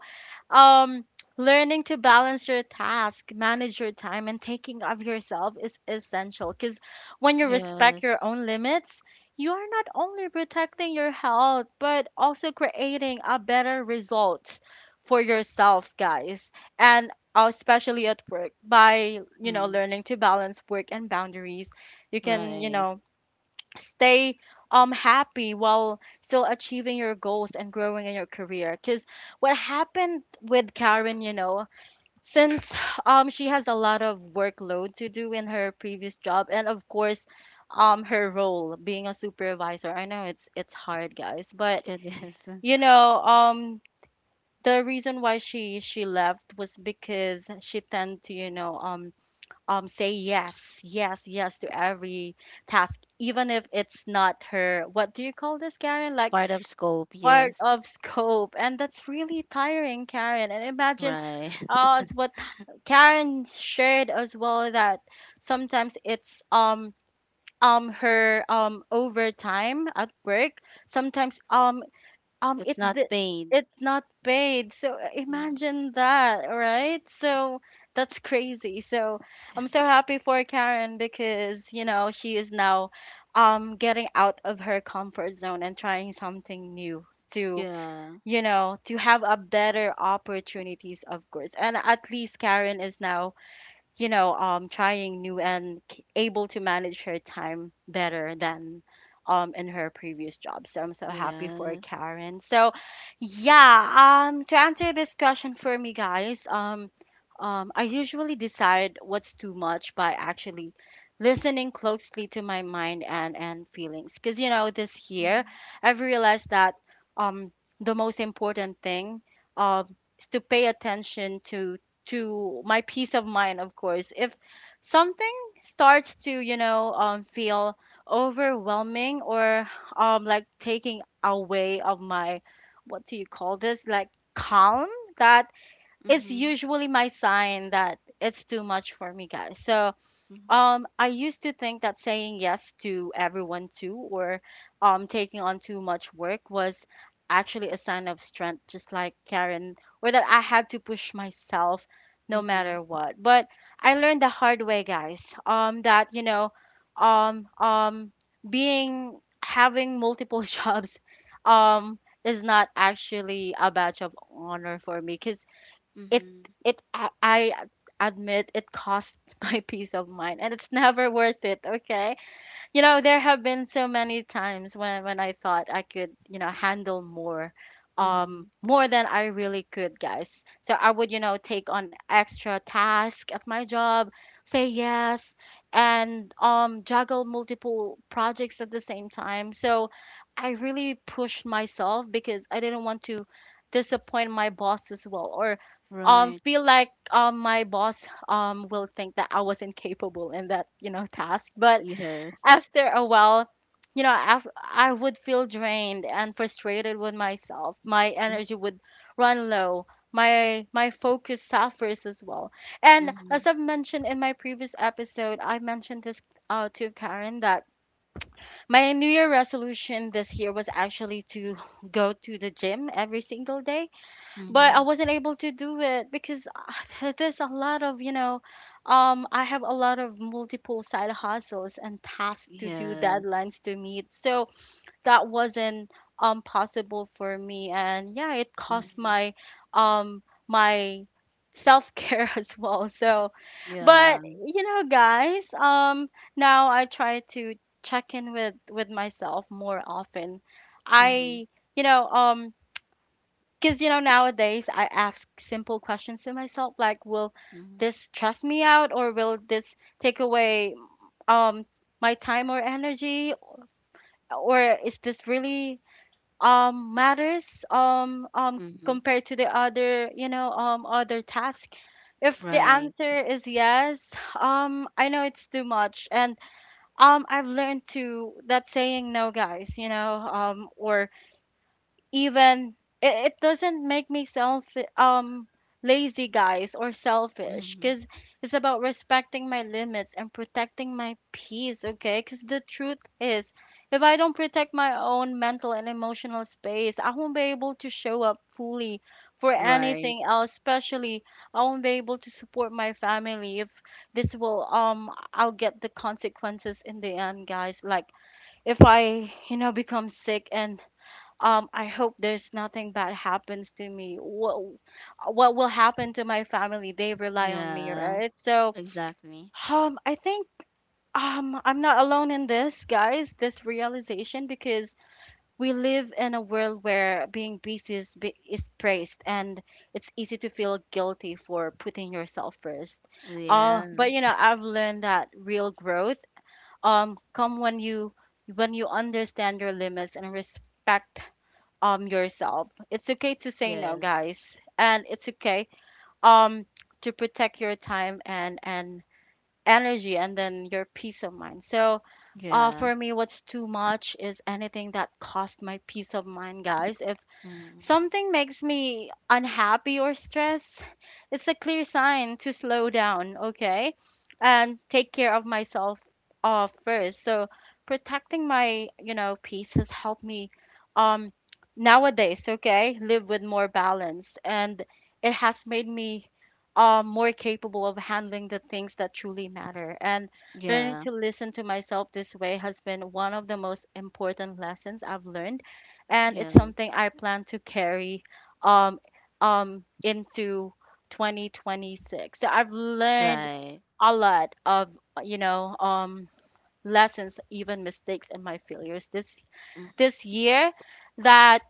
Speaker 1: um learning to balance your task, manage your time, and taking of yourself is essential, because when you respect your
Speaker 2: Yes.
Speaker 1: own limits, you are not only protecting your health but also creating a better result for yourself, guys. And, especially at work, by, you know,
Speaker 2: Mm.
Speaker 1: learning to balance work and boundaries, you can, you
Speaker 2: Right.
Speaker 1: know, stay happy while still achieving your goals and growing in your career, because what happened with Karen, you know, since, she has a lot of workload to do in her previous job, and of course, her role being a supervisor, I know it's hard, guys. But,
Speaker 2: It is
Speaker 1: you know, the reason why she left was because she tend to, you know, say yes, yes, yes to every task, even if it's not her— what do you call this, Karen, like,
Speaker 2: part of scope.
Speaker 1: part
Speaker 2: Yes.
Speaker 1: of scope. And that's really tiring, Karen. And imagine,
Speaker 2: Right.
Speaker 1: it's what Karen shared as well, that sometimes it's, her, overtime at work, sometimes, um
Speaker 2: It's
Speaker 1: it
Speaker 2: not
Speaker 1: di-
Speaker 2: paid.
Speaker 1: it's not paid. So,
Speaker 2: Yeah.
Speaker 1: imagine that, right? So that's crazy. So I'm so happy for Karen, because, you know, she is now, getting out of her comfort zone and trying something new to,
Speaker 2: Yeah.
Speaker 1: you know, To have a better opportunities, of course, and at least Karen is now, trying new and able to manage her time better than in her previous job. So I'm so happy for
Speaker 2: Yes.
Speaker 1: Karen. So yeah, to answer this question for me, guys, I usually decide what's too much by actually listening closely to my mind and feelings. Cause you know, this year
Speaker 2: Mm-hmm.
Speaker 1: I've realized that um, the most important thing is to pay attention to my peace of mind, of course. If something starts to, feel overwhelming or like taking away of my, what do you call this, like calm, that is
Speaker 2: Mm-hmm.
Speaker 1: usually my sign that it's too much for me, guys. So
Speaker 2: Mm-hmm.
Speaker 1: I used to think that saying yes to everyone too or taking on too much work was actually a sign of strength, just like Karen, or that I had to push myself no
Speaker 2: Mm-hmm.
Speaker 1: matter what. But I learned the hard way, guys, that, um, um, being having multiple jobs is not actually a badge of honor for me because it
Speaker 2: Mm-hmm.
Speaker 1: I admit it cost my peace of mind and it's never worth it, okay? You know, there have been so many times when I thought I could, you know, handle more
Speaker 2: Mm-hmm.
Speaker 1: more than I really could, guys. So I would, you know, take on extra tasks at my job, say yes, and juggle multiple projects at the same time. So I really pushed myself because I didn't want to disappoint my boss as well or
Speaker 2: Right.
Speaker 1: feel like my boss will think that I was incapable in that, you know, task. But
Speaker 2: Yes.
Speaker 1: after a while, I would feel drained and frustrated with myself. My energy would run low. My focus suffers as well. And as
Speaker 2: Mm-hmm.
Speaker 1: I've mentioned in my previous episode, I mentioned this to Karen that my New Year resolution this year was actually to go to the gym every single day, but I
Speaker 2: Mm-hmm.
Speaker 1: wasn't able to do it because there's a lot of, I have a lot of multiple side hustles and tasks to do,
Speaker 2: Yes.
Speaker 1: deadlines to meet. So that wasn't possible for me. And yeah, it cost
Speaker 2: Mm-hmm.
Speaker 1: my my self-care as well. So, but
Speaker 2: Yeah.
Speaker 1: you know, guys, now I try to check in with myself more often.
Speaker 2: Mm-hmm.
Speaker 1: I, you know, um because, you know, nowadays I ask simple questions to myself like, will
Speaker 2: Mm-hmm.
Speaker 1: this stress me out or will this take away um my time or energy or is this really matters
Speaker 2: Mm-hmm.
Speaker 1: compared to the other, other task? If the
Speaker 2: Right.
Speaker 1: answer is yes, I know it's too much, and I've learned to that saying no, guys, or even it doesn't make me self um lazy, guys, or selfish,
Speaker 2: Mm-hmm.
Speaker 1: because it's about respecting my limits and protecting my peace, okay? Because the truth is, if I don't protect my own mental and emotional space, I won't be able to show up fully for
Speaker 2: Right.
Speaker 1: anything else, especially I won't be able to support my family. If this will I'll get the consequences in the end, guys, like if I, you know, become sick and I hope there's nothing bad happens to me. What will happen to my family? They rely on me,
Speaker 2: Yeah.
Speaker 1: right? So
Speaker 2: Exactly.
Speaker 1: I think I'm not alone in this, guys. This realization, because we live in a world where being busy is, be- is praised, and it's easy to feel guilty for putting yourself first.
Speaker 2: Yeah.
Speaker 1: But you know, I've learned that real growth come when you understand your limits and respect yourself. It's okay to say no, guys.
Speaker 2: Yes.
Speaker 1: And it's okay um to protect your time and energy and then your peace of mind. So
Speaker 2: Yeah.
Speaker 1: for me, what's too much is anything that cost my peace of mind, guys. If
Speaker 2: Mm-hmm.
Speaker 1: something makes me unhappy or stressed, it's a clear sign to slow down, okay? And take care of myself first. So protecting my, you know, peace has helped me um nowadays, okay, live with more balance, and it has made me more capable of handling the things that truly matter. And learning
Speaker 2: Yeah.
Speaker 1: to listen to myself this way has been one of the most important lessons I've learned, and it's something
Speaker 2: Yes.
Speaker 1: I plan to carry um into 2026. So I've learned
Speaker 2: Right.
Speaker 1: a lot of, you know um lessons, even mistakes and my failures this
Speaker 2: Mm.
Speaker 1: this year that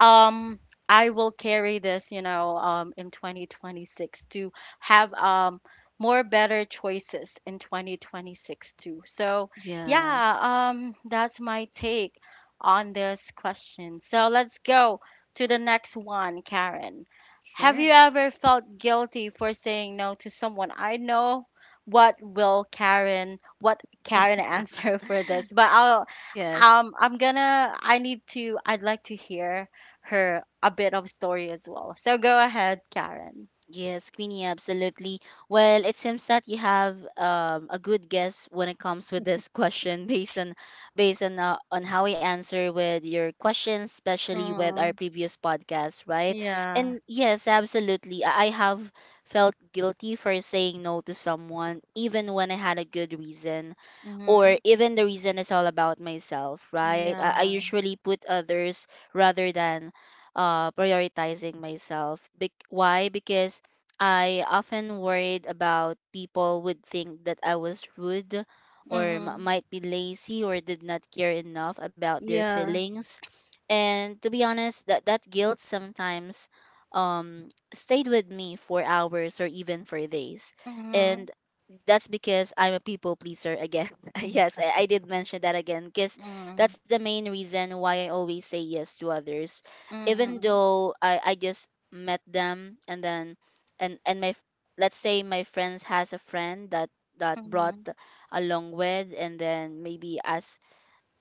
Speaker 1: um I will carry this, in 2026 to have more better choices in 2026 too. So,
Speaker 2: Yeah.
Speaker 1: yeah, that's my take on this question. So, let's go to the next one, Karen. Have
Speaker 2: Sure.
Speaker 1: you ever felt guilty for saying no to someone? I know what Karen answer for this, but I'll
Speaker 2: Yes.
Speaker 1: I'm gonna I need to I'd like to hear her a bit of story as well. So go ahead, Karen.
Speaker 2: Yes, Queenie, absolutely. Well, it seems that you have a good guess when it comes with this question, based on based on how we answer with your question, especially with our
Speaker 1: Mm,
Speaker 2: previous podcast, right?
Speaker 1: yeah.
Speaker 2: And yes, absolutely. I have felt guilty for saying no to someone, even when I had a good reason,
Speaker 1: Mm-hmm.
Speaker 2: or even the reason is all about myself, right? I
Speaker 1: Yeah.
Speaker 2: usually put others rather than prioritizing myself. Bec why? Because I often worried about people would think that I was rude or
Speaker 1: Mm-hmm.
Speaker 2: might be lazy or did not care enough about their
Speaker 1: Yeah.
Speaker 2: feelings. And to be honest, that guilt sometimes stayed with me for hours or even for days.
Speaker 1: Mm-hmm.
Speaker 2: And that's because I'm a people pleaser again. Yes,
Speaker 1: Yeah.
Speaker 2: I did mention that again because
Speaker 1: Mm-hmm.
Speaker 2: that's the main reason why I always say yes to others. Even
Speaker 1: Mm-hmm.
Speaker 2: though I just met them, and then and and my f- let's say my friends has a friend that brought
Speaker 1: Mm-hmm.
Speaker 2: along with, and then maybe as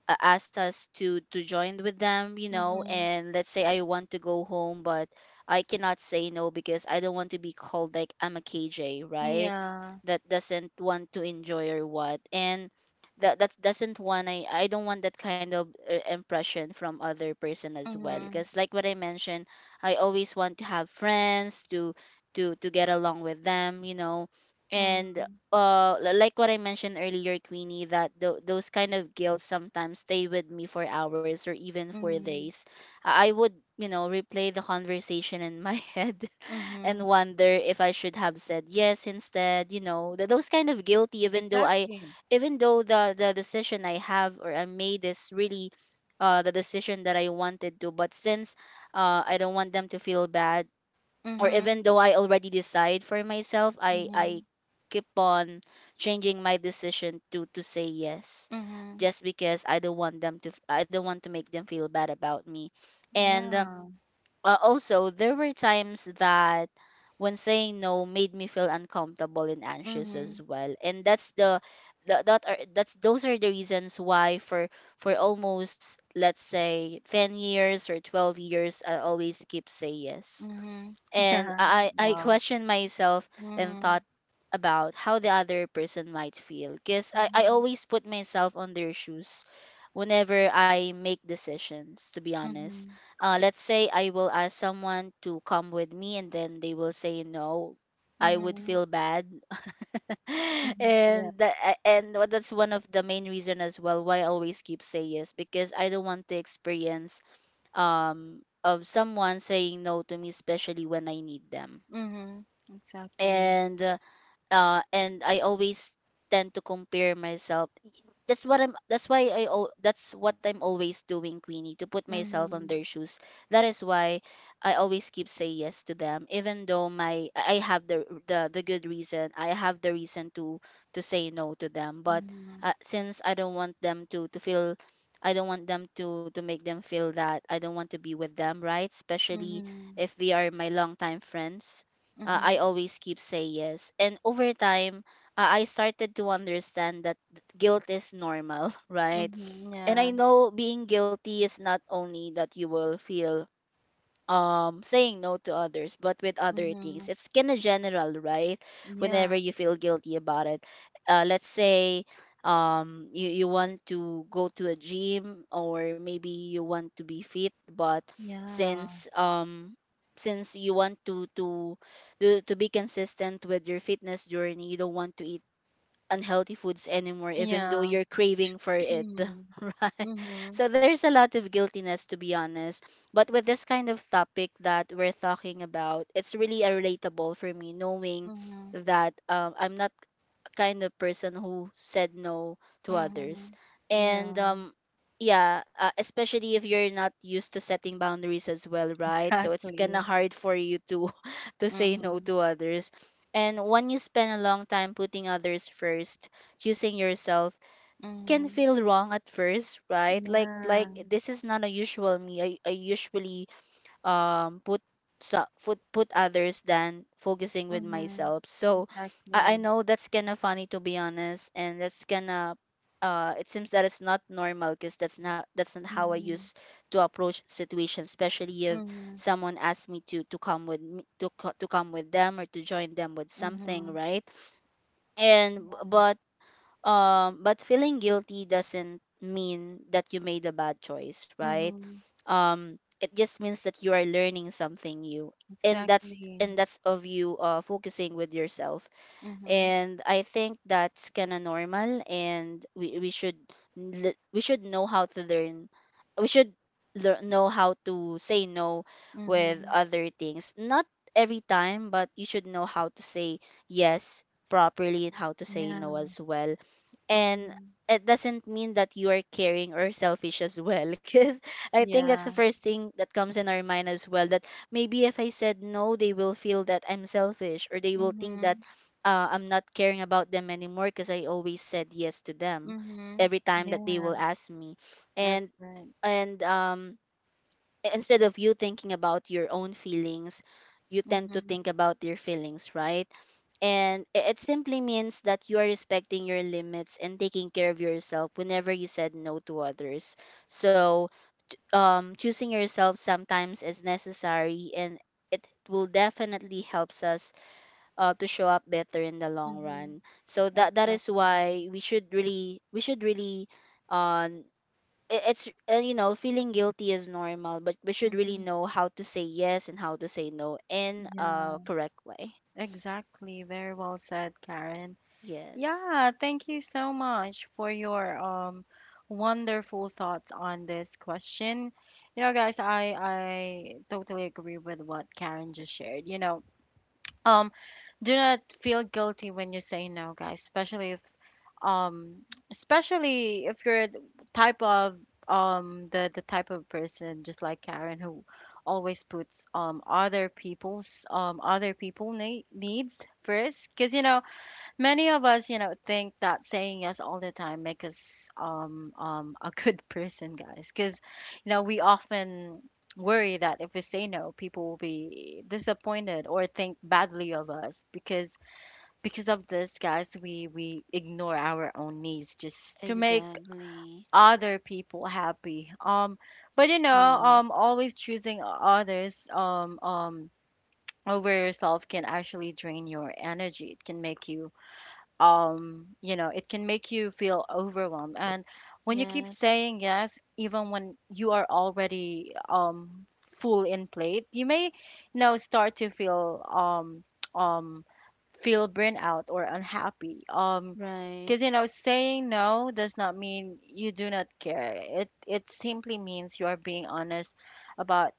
Speaker 2: ask us to join with them,
Speaker 1: Mm-hmm.
Speaker 2: and let's say I want to go home, but I cannot say no because I don't want to be called like I'm a KJ, right?
Speaker 1: Yeah.
Speaker 2: That doesn't want to enjoy or what. And that doesn't want, I don't want that kind of impression from other person as well,
Speaker 1: Mm-hmm.
Speaker 2: because like what I mentioned, I always want to have friends to get along with them. And
Speaker 1: Mm-hmm.
Speaker 2: like what I mentioned earlier, Queenie, that those kind of guilt sometimes stay with me for hours or even for
Speaker 1: Mm-hmm.
Speaker 2: days. I would, you know, replay the conversation in my head and
Speaker 1: Mm-hmm.
Speaker 2: wonder if I should have said yes instead. You know, those kind of guilty, even though I,
Speaker 1: Exactly.
Speaker 2: even though the decision I have or I made is really. The decision that I wanted to, but since I don't want them to feel bad, or even
Speaker 1: Mm-hmm.
Speaker 2: though I already decide for myself, I
Speaker 1: Mm-hmm.
Speaker 2: I keep on changing my decision to say yes,
Speaker 1: Mm-hmm.
Speaker 2: just because I don't want them to I don't want to make them feel bad about me. And
Speaker 1: Yeah.
Speaker 2: also there were times that when saying no made me feel uncomfortable and anxious
Speaker 1: Mm-hmm.
Speaker 2: as well. And that's the that's those are the reasons why, for almost let's say 10 years or 12 years, I always keep say yes.
Speaker 1: Mm-hmm.
Speaker 2: And
Speaker 1: Yeah.
Speaker 2: I
Speaker 1: Wow.
Speaker 2: questioned myself and
Speaker 1: Mm-hmm.
Speaker 2: thought about how the other person might feel, because I
Speaker 1: Mm-hmm.
Speaker 2: always put myself on their shoes whenever I make decisions, to be honest.
Speaker 1: Mm-hmm.
Speaker 2: Uh, let's say I will ask someone to come with me and then they will say no, I would
Speaker 1: Mm-hmm.
Speaker 2: feel bad.
Speaker 1: Mm-hmm. Yeah.
Speaker 2: And that, that's one of the main reason as well why I always keep say yes, because I don't want to experience of someone saying no to me, especially when I need them.
Speaker 1: Mhm. Exactly.
Speaker 2: And uh, and I always tend to compare myself. That's what I'm that's why that's what I'm always doing, Queenie, to put myself on
Speaker 1: Mhm.
Speaker 2: their shoes. That is why I always keep say yes to them, even though my I have the good reason, I have the reason to say no to them. But
Speaker 1: Mhm.
Speaker 2: since I don't want them to feel, I don't want them to make them feel that I don't want to be with them, right? Especially
Speaker 1: Mhm.
Speaker 2: if they are my long time friends,
Speaker 1: Mhm.
Speaker 2: I always keep say yes. And over time, I started to understand that guilt is normal, right?
Speaker 1: Mhm.
Speaker 2: And
Speaker 1: Yeah.
Speaker 2: I know being guilty is not only that you will feel saying no to others, but with other things,
Speaker 1: Mhm.
Speaker 2: it's kind of general, right? Whenever
Speaker 1: Yeah.
Speaker 2: you feel guilty about it, let's say you, you want to go to a gym or maybe you want to be fit, but
Speaker 1: Yeah.
Speaker 2: since um since you want to to be consistent with your fitness journey, you don't want to eat unhealthy foods anymore, even though
Speaker 1: Yeah.
Speaker 2: you're craving for it. Right.
Speaker 1: Mhm.
Speaker 2: So there's a lot of guiltiness, to be honest. But with this kind of topic that we're talking about, it's really a relatable for me, knowing
Speaker 1: Mhm.
Speaker 2: that I'm not a kind of person who said no to others.
Speaker 1: Mhm.
Speaker 2: And
Speaker 1: Yeah.
Speaker 2: yeah, especially if you're not used to setting boundaries as well, right? So it's kind of
Speaker 1: Exactly.
Speaker 2: hard for you to to say no
Speaker 1: Mhm.
Speaker 2: to others. And when you spend a long time putting others first, choosing yourself can
Speaker 1: Mhm.
Speaker 2: feel wrong at first, right? Like
Speaker 1: Yeah.
Speaker 2: this is not a usual me. I usually put put others than focusing with
Speaker 1: Mhm.
Speaker 2: myself. So I
Speaker 1: Exactly.
Speaker 2: know that's kind of funny, to be honest. And that's kind of it seems that it's not normal because that's not how I
Speaker 1: Mhm.
Speaker 2: used to approach situations, especially if
Speaker 1: Mhm.
Speaker 2: someone asks me to come with me, to to come with them or to join them with something,
Speaker 1: Mhm.
Speaker 2: right? And but feeling guilty doesn't mean that you made a bad choice, right?
Speaker 1: Mm-hmm.
Speaker 2: It just means that you are learning something new, and that's
Speaker 1: Exactly.
Speaker 2: and that's of you focusing with yourself.
Speaker 1: Mm-hmm.
Speaker 2: And I think that's kind of normal, and we should we should know how to learn, we should know how to say no with
Speaker 1: Mm-hmm.
Speaker 2: other things, not every time, but you should know how to say yes properly and how to say no
Speaker 1: Yeah.
Speaker 2: as well. And
Speaker 1: Mm-hmm.
Speaker 2: it doesn't mean that you are caring or selfish as well, because I think that's the
Speaker 1: Yeah.
Speaker 2: first thing that comes in our mind as well, that maybe if I said no, they will feel that I'm selfish, or they will think that
Speaker 1: Mm-hmm.
Speaker 2: I'm not caring about them anymore, because I always said yes to them
Speaker 1: Mhm.
Speaker 2: every time that they will
Speaker 1: Yeah,
Speaker 2: ask me.
Speaker 1: that's
Speaker 2: And
Speaker 1: right.
Speaker 2: and um instead of you thinking about your own feelings, you tend to
Speaker 1: Mhm.
Speaker 2: think about their feelings, right? And it simply means that you are respecting your limits and taking care of yourself whenever you said no to others. So choosing yourself sometimes is necessary, and it will definitely helps us to show up better in the long
Speaker 1: Mhm.
Speaker 2: run. So that is
Speaker 1: Exactly.
Speaker 2: why we should really, we should really um it's you know, feeling guilty is normal, but we should really
Speaker 1: Mhm.
Speaker 2: know how to say yes and how to say no in
Speaker 1: Yeah,
Speaker 2: a correct way.
Speaker 1: exactly. Very well said, Karen.
Speaker 2: Yes,
Speaker 1: Yeah, thank you so much for your wonderful thoughts on this question. You know, guys, I totally agree with what Karen just shared. You know, um do not feel guilty when you say no, guys. Um, especially if you're the type of the type of person just like Karen who always puts other people's needs first. Cause you know, many of us, you know, think that saying yes all the time make us a good person, guys. Because, you know, we often worry that if we say no, people will be disappointed or think badly of us. Because of this, guys, we ignore our own needs just to make
Speaker 2: exactly.
Speaker 1: other people happy. But you know,
Speaker 2: Yeah.
Speaker 1: always choosing others, Over yourself can actually drain your energy. It can make you you know it can make you feel overwhelmed, and when you keep
Speaker 2: Yes.
Speaker 1: saying yes even when you are already full in plate, you may, you know, start to feel um feel burnout or unhappy,
Speaker 2: Right.
Speaker 1: because you know, saying no does not mean you do not care. It simply means you are being honest about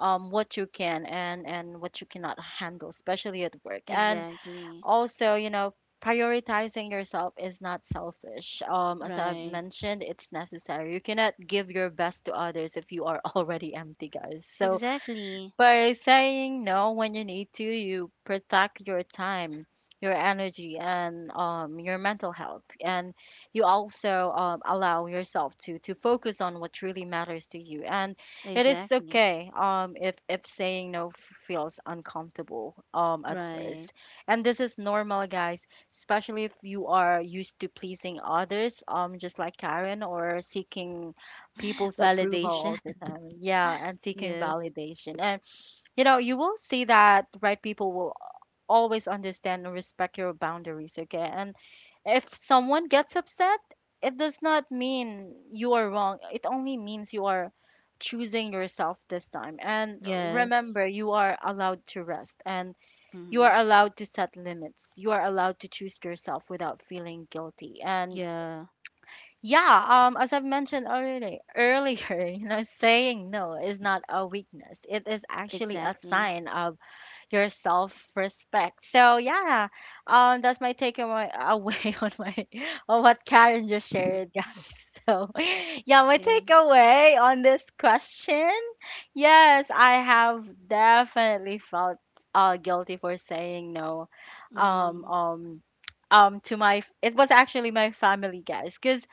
Speaker 1: what you can and what you cannot handle, especially at work. And
Speaker 2: Exactly.
Speaker 1: also you know, prioritizing yourself is not selfish, as I've
Speaker 2: Right.
Speaker 1: mentioned, it's necessary. You cannot give your best to others if you are already empty, guys. So
Speaker 2: Exactly.
Speaker 1: by saying no when you need to, you protect your time, your energy, and your mental health. And you also allow yourself to focus on what truly matters to you. And it is
Speaker 2: Exactly.
Speaker 1: okay, if saying no f- feels uncomfortable, at
Speaker 2: Right.
Speaker 1: first. And this is normal, guys, especially if you are used to pleasing others, just like Karen, or seeking people's approval
Speaker 2: Validation.
Speaker 1: all the time. Yeah, and seeking
Speaker 2: Yes.
Speaker 1: validation. And you know, you will see that the right people will always understand and respect your boundaries, okay? And if someone gets upset, it does not mean you are wrong. It only means you are choosing yourself this time. And
Speaker 2: Yes.
Speaker 1: remember, you are allowed to rest, and you
Speaker 2: Hmm.
Speaker 1: are allowed to set limits. You are allowed to choose yourself without feeling guilty. And
Speaker 2: Yeah.
Speaker 1: yeah, as I've mentioned earlier, you know, saying no is not a weakness. It is actually a
Speaker 2: Exactly.
Speaker 1: sign of your self respect. So yeah, that's my takeaway away on my on what Karen just shared, guys. So yeah, my
Speaker 2: Yeah.
Speaker 1: takeaway on this question. Yes, I have definitely felt guilty for saying no, um
Speaker 2: Mm.
Speaker 1: um to my, it was actually my family, guys, because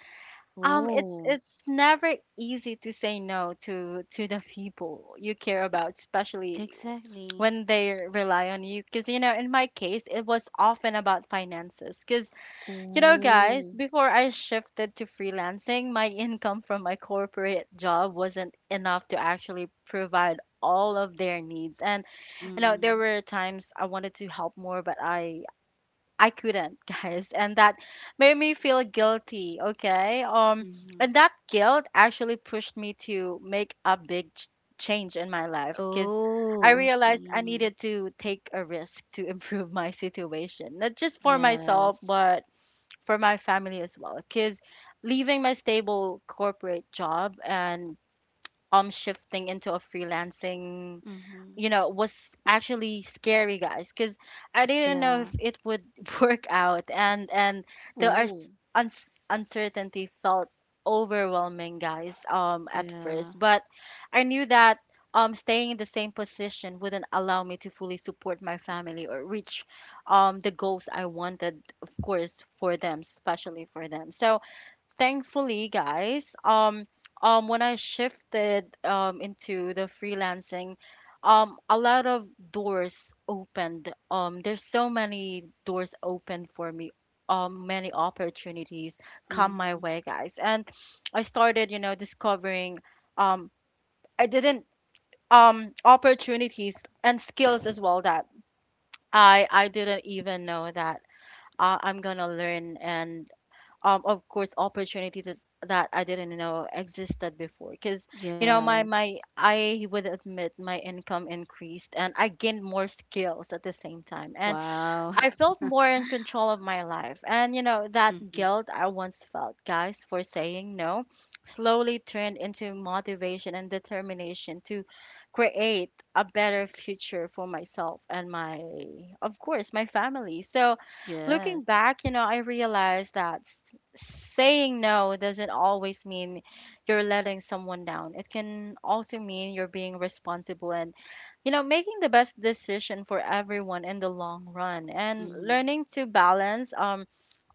Speaker 1: it's
Speaker 2: Oh,
Speaker 1: it's never easy to say no to to the people you care about, especially
Speaker 2: exactly.
Speaker 1: when they rely on you. Because you know, in my case, it was often about finances. Because you know, guys,
Speaker 2: Oh.
Speaker 1: before I shifted to freelancing, my income from my corporate job wasn't enough to actually provide all of their needs. And you know, there
Speaker 2: Mm-mm.
Speaker 1: were times I wanted to help more, but I couldn't, guys, and that made me feel guilty, okay? Um
Speaker 2: Mm-hmm.
Speaker 1: and that guilt actually pushed me to make a change in my life cuz I
Speaker 2: Oh, I
Speaker 1: realized I
Speaker 2: see.
Speaker 1: needed to take a risk to improve my situation, not just for myself,
Speaker 2: Yes.
Speaker 1: but for my family as well. Because leaving my stable corporate job and shifting into a freelancing,
Speaker 2: Mm-hmm.
Speaker 1: you know, was actually scary, guys, because I didn't know
Speaker 2: Yeah.
Speaker 1: if it would work out, and the
Speaker 2: Oh,
Speaker 1: uncertainty felt overwhelming, guys, at
Speaker 2: yeah.
Speaker 1: first. But I knew that staying in the same position wouldn't allow me to fully support my family or reach the goals I wanted, of course, for them, especially for them. So thankfully, guys, when I shifted into the freelancing, a lot of doors opened. There's so many doors open for me, many opportunities come my
Speaker 2: Mm-hmm.
Speaker 1: way, guys. And I started, you know, discovering, um I didn't opportunities and skills as well that I didn't even know that I'm gonna learn. And of course, opportunities that I didn't know existed before. Because you know, my
Speaker 2: Yes.
Speaker 1: my I would admit my income increased and I gained more skills at the same time. And
Speaker 2: Wow.
Speaker 1: I felt more in control of my life. And, you know, that
Speaker 2: Mm-hmm.
Speaker 1: guilt I once felt, guys, for saying no slowly turned into motivation and determination to create a better future for myself and, my, of course, my family. So looking
Speaker 2: Yes.
Speaker 1: back, you know, I realized that saying no doesn't always mean you're letting someone down. It can also mean you're being responsible and, you know, making the best decision for everyone in the long run, and
Speaker 2: Mm-hmm.
Speaker 1: learning to balance um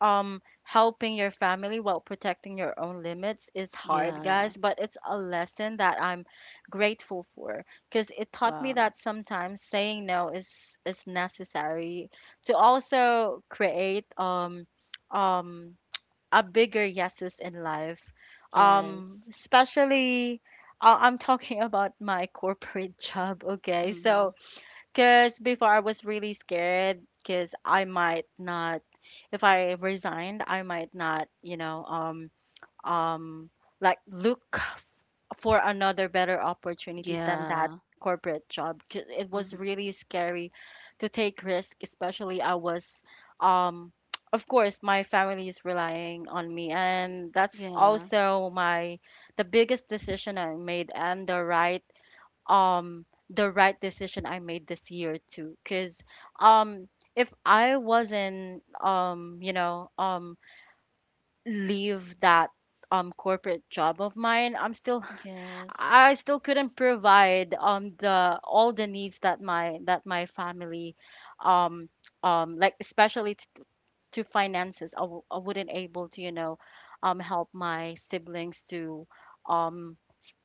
Speaker 1: um helping your family while protecting your own limits is hard, guys,
Speaker 2: Yeah.
Speaker 1: but it's a lesson that I'm grateful for, because it taught me
Speaker 2: Wow.
Speaker 1: that sometimes saying no is necessary to also create um a bigger yeses in life.
Speaker 2: Yes.
Speaker 1: Especially, I'm talking about my corporate job, okay?
Speaker 2: Mm-hmm.
Speaker 1: So, because before I was really scared, because I might not, if I resigned, I might not, you know, um, like look for another better opportunities than that
Speaker 2: Yeah.
Speaker 1: corporate job. 'Cause it was
Speaker 2: Mm-hmm.
Speaker 1: really scary to take risk, especially I was um of course, my family is relying on me, and that's
Speaker 2: Yeah.
Speaker 1: also my the biggest decision I made, and the right, the right decision I made this year too. Because um if I wasn't, you know, leave that corporate job of mine, I'm still,
Speaker 2: Yes.
Speaker 1: I still couldn't provide the all the needs that my family, um like especially to finances, I I wouldn't able to, you know, help my siblings to um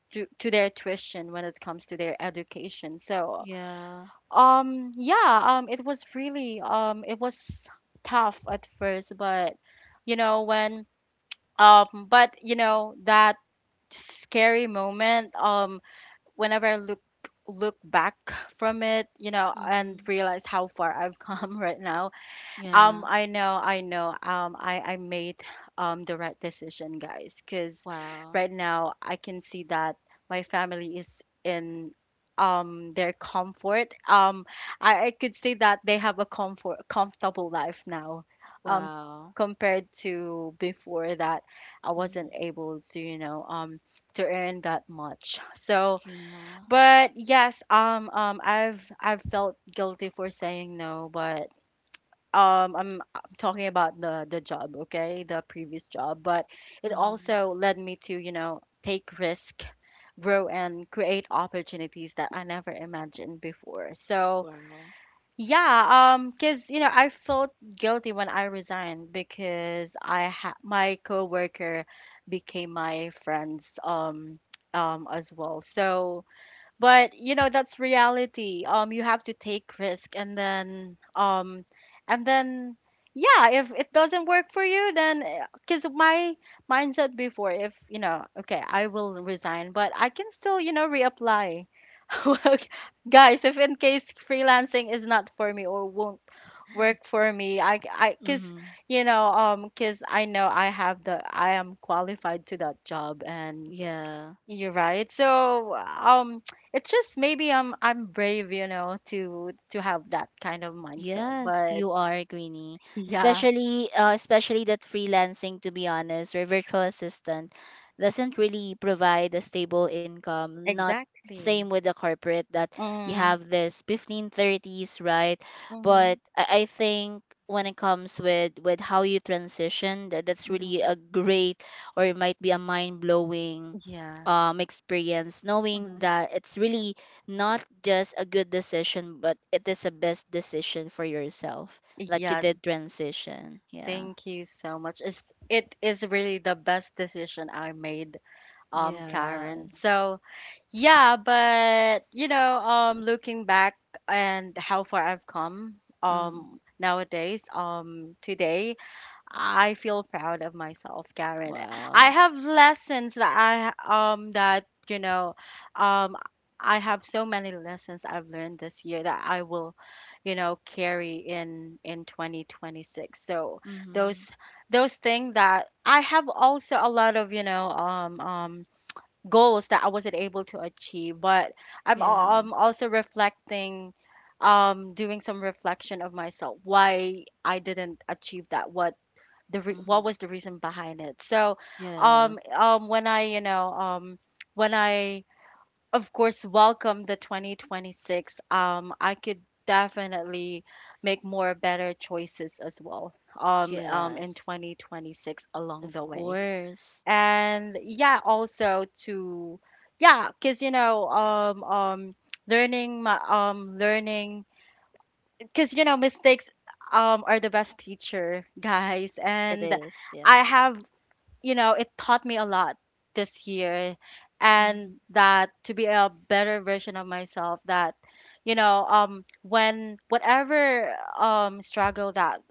Speaker 1: to their tuition when it comes to their education. So
Speaker 2: Yeah.
Speaker 1: yeah, it was really, it was tough at first, but you know, when but you know, that scary moment, whenever I look back from it, you know, and
Speaker 2: Mm-hmm.
Speaker 1: realize how far I've come right now,
Speaker 2: Yeah.
Speaker 1: I know, I made the right decision, guys, because
Speaker 2: Wow.
Speaker 1: right now I can see that my family is in their comfort. I could see that they have a comfortable life now, um,
Speaker 2: Wow.
Speaker 1: compared to before that I wasn't
Speaker 2: Mhm.
Speaker 1: able to, you know, to earn that much. So
Speaker 2: Yeah.
Speaker 1: but yes, I've felt guilty for saying no, but I'm talking about the job, okay, the previous job, but it
Speaker 2: Mhm.
Speaker 1: also led me to, you know, take risk, grow, and create opportunities that I never imagined before. So
Speaker 2: Wow.
Speaker 1: yeah, because you know, I felt guilty when I resigned, because I ha my coworker became my friends, as well. So but you know, that's reality. You have to take risk, and then yeah, if it doesn't work for you, then because my mindset before, if you know, okay, I will resign, but I can still, you know, reapply. Well, guys, if in case freelancing is not for me, or won't work for me, I because
Speaker 2: Mhm.
Speaker 1: you know, because I know I have the, I am qualified to that job, and
Speaker 2: Yeah.
Speaker 1: you're right. So it's just maybe I'm brave, you know, to have that kind of mindset.
Speaker 2: Yes,
Speaker 1: But
Speaker 2: you are, Greenie.
Speaker 1: yeah,
Speaker 2: Especially, especially that freelancing, to be honest, or virtual assistant doesn't really provide a stable income. Not
Speaker 1: exactly.
Speaker 2: same with the corporate that you
Speaker 1: Mm,
Speaker 2: have this 1530s, right? But
Speaker 1: mm-hmm,
Speaker 2: I think when it comes with how you transition, that, that's really
Speaker 1: mm-hmm.
Speaker 2: a great, or it might be a mind blowing
Speaker 1: Yeah.
Speaker 2: experience, knowing
Speaker 1: Mm-hmm.
Speaker 2: that it's really not just a good decision, but it is a best decision for yourself. Like you
Speaker 1: Yeah,
Speaker 2: did transition. Yeah.
Speaker 1: thank you so much. It's it is really the best decision I made, Karen.
Speaker 2: Yes.
Speaker 1: So yeah, but you know, looking back and how far I've come,
Speaker 2: Mm.
Speaker 1: nowadays, today I feel proud of myself, Karen. I
Speaker 2: Wow.
Speaker 1: have lessons that I that you know um I have so many lessons I've learned this year that I will, you know, carry in 2026. So
Speaker 2: Mm-hmm.
Speaker 1: those those things that I have, also a lot of, you know, goals that I wasn't able to achieve, but I'm
Speaker 2: Yeah.
Speaker 1: al- I'm also reflecting, doing some reflection of myself why I didn't achieve that, what what
Speaker 2: Mm-hmm.
Speaker 1: was the reason behind it. So
Speaker 2: Yes.
Speaker 1: when I when I, of course, welcome the 2026, I could definitely make more better choices as well, in
Speaker 2: Yes.
Speaker 1: 2026 along
Speaker 2: Of
Speaker 1: the way.
Speaker 2: course.
Speaker 1: And yeah, also to, yeah, cuz you know, learning my, learning cuz you know, mistakes are the best teacher, guys,
Speaker 2: It
Speaker 1: and
Speaker 2: is. Yeah.
Speaker 1: I have, you know, it taught me a lot this year, and
Speaker 2: Mm-hmm.
Speaker 1: that to be a better version of myself, that you know, when whatever struggle that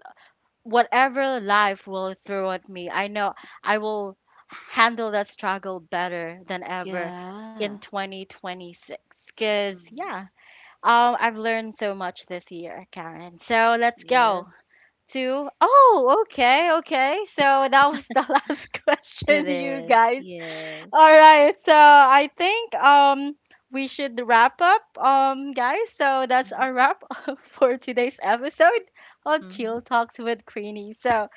Speaker 1: whatever life will throw at me, I know I will handle that struggle better than ever
Speaker 2: Yeah.
Speaker 1: in 2026. Because yeah,
Speaker 2: Mm-hmm.
Speaker 1: I've learned so much this year, Karen, so let's
Speaker 2: Yes.
Speaker 1: go. Two. Oh, okay, okay. So that was the last
Speaker 2: It
Speaker 1: question,
Speaker 2: is.
Speaker 1: you guys.
Speaker 2: Yes.
Speaker 1: All right. So I think we should wrap up, guys. So that's
Speaker 2: Mm-hmm.
Speaker 1: our wrap for today's episode of
Speaker 2: Mm-hmm.
Speaker 1: Chill Talks with Queenie. So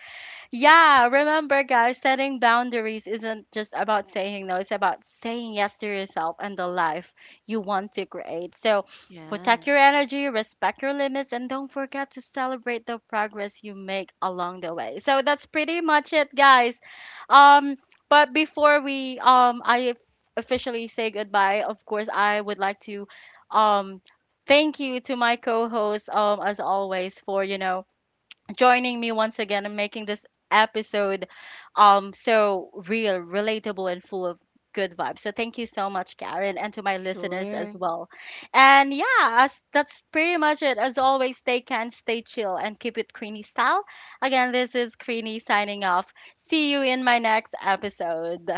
Speaker 1: yeah, remember, guys, setting boundaries isn't just about saying no, it's about saying yes to yourself and the life you want to create. So protect your
Speaker 2: Yes.
Speaker 1: energy, respect your limits, and don't forget to celebrate the progress you make along the way. So that's pretty much it, guys. Um, but before we, I officially say goodbye, of course, I would like to, um, thank you to my co-host, as always, for, you know, joining me once again and making this episode so real, relatable, and full of good vibes. So thank you so much, Karen, and to my listeners
Speaker 2: Sure.
Speaker 1: as well. And yeah, as that's pretty much it. As always, stay can, stay chill, and keep it Queenie style. Again, this is Queenie signing off. See you in my next episode.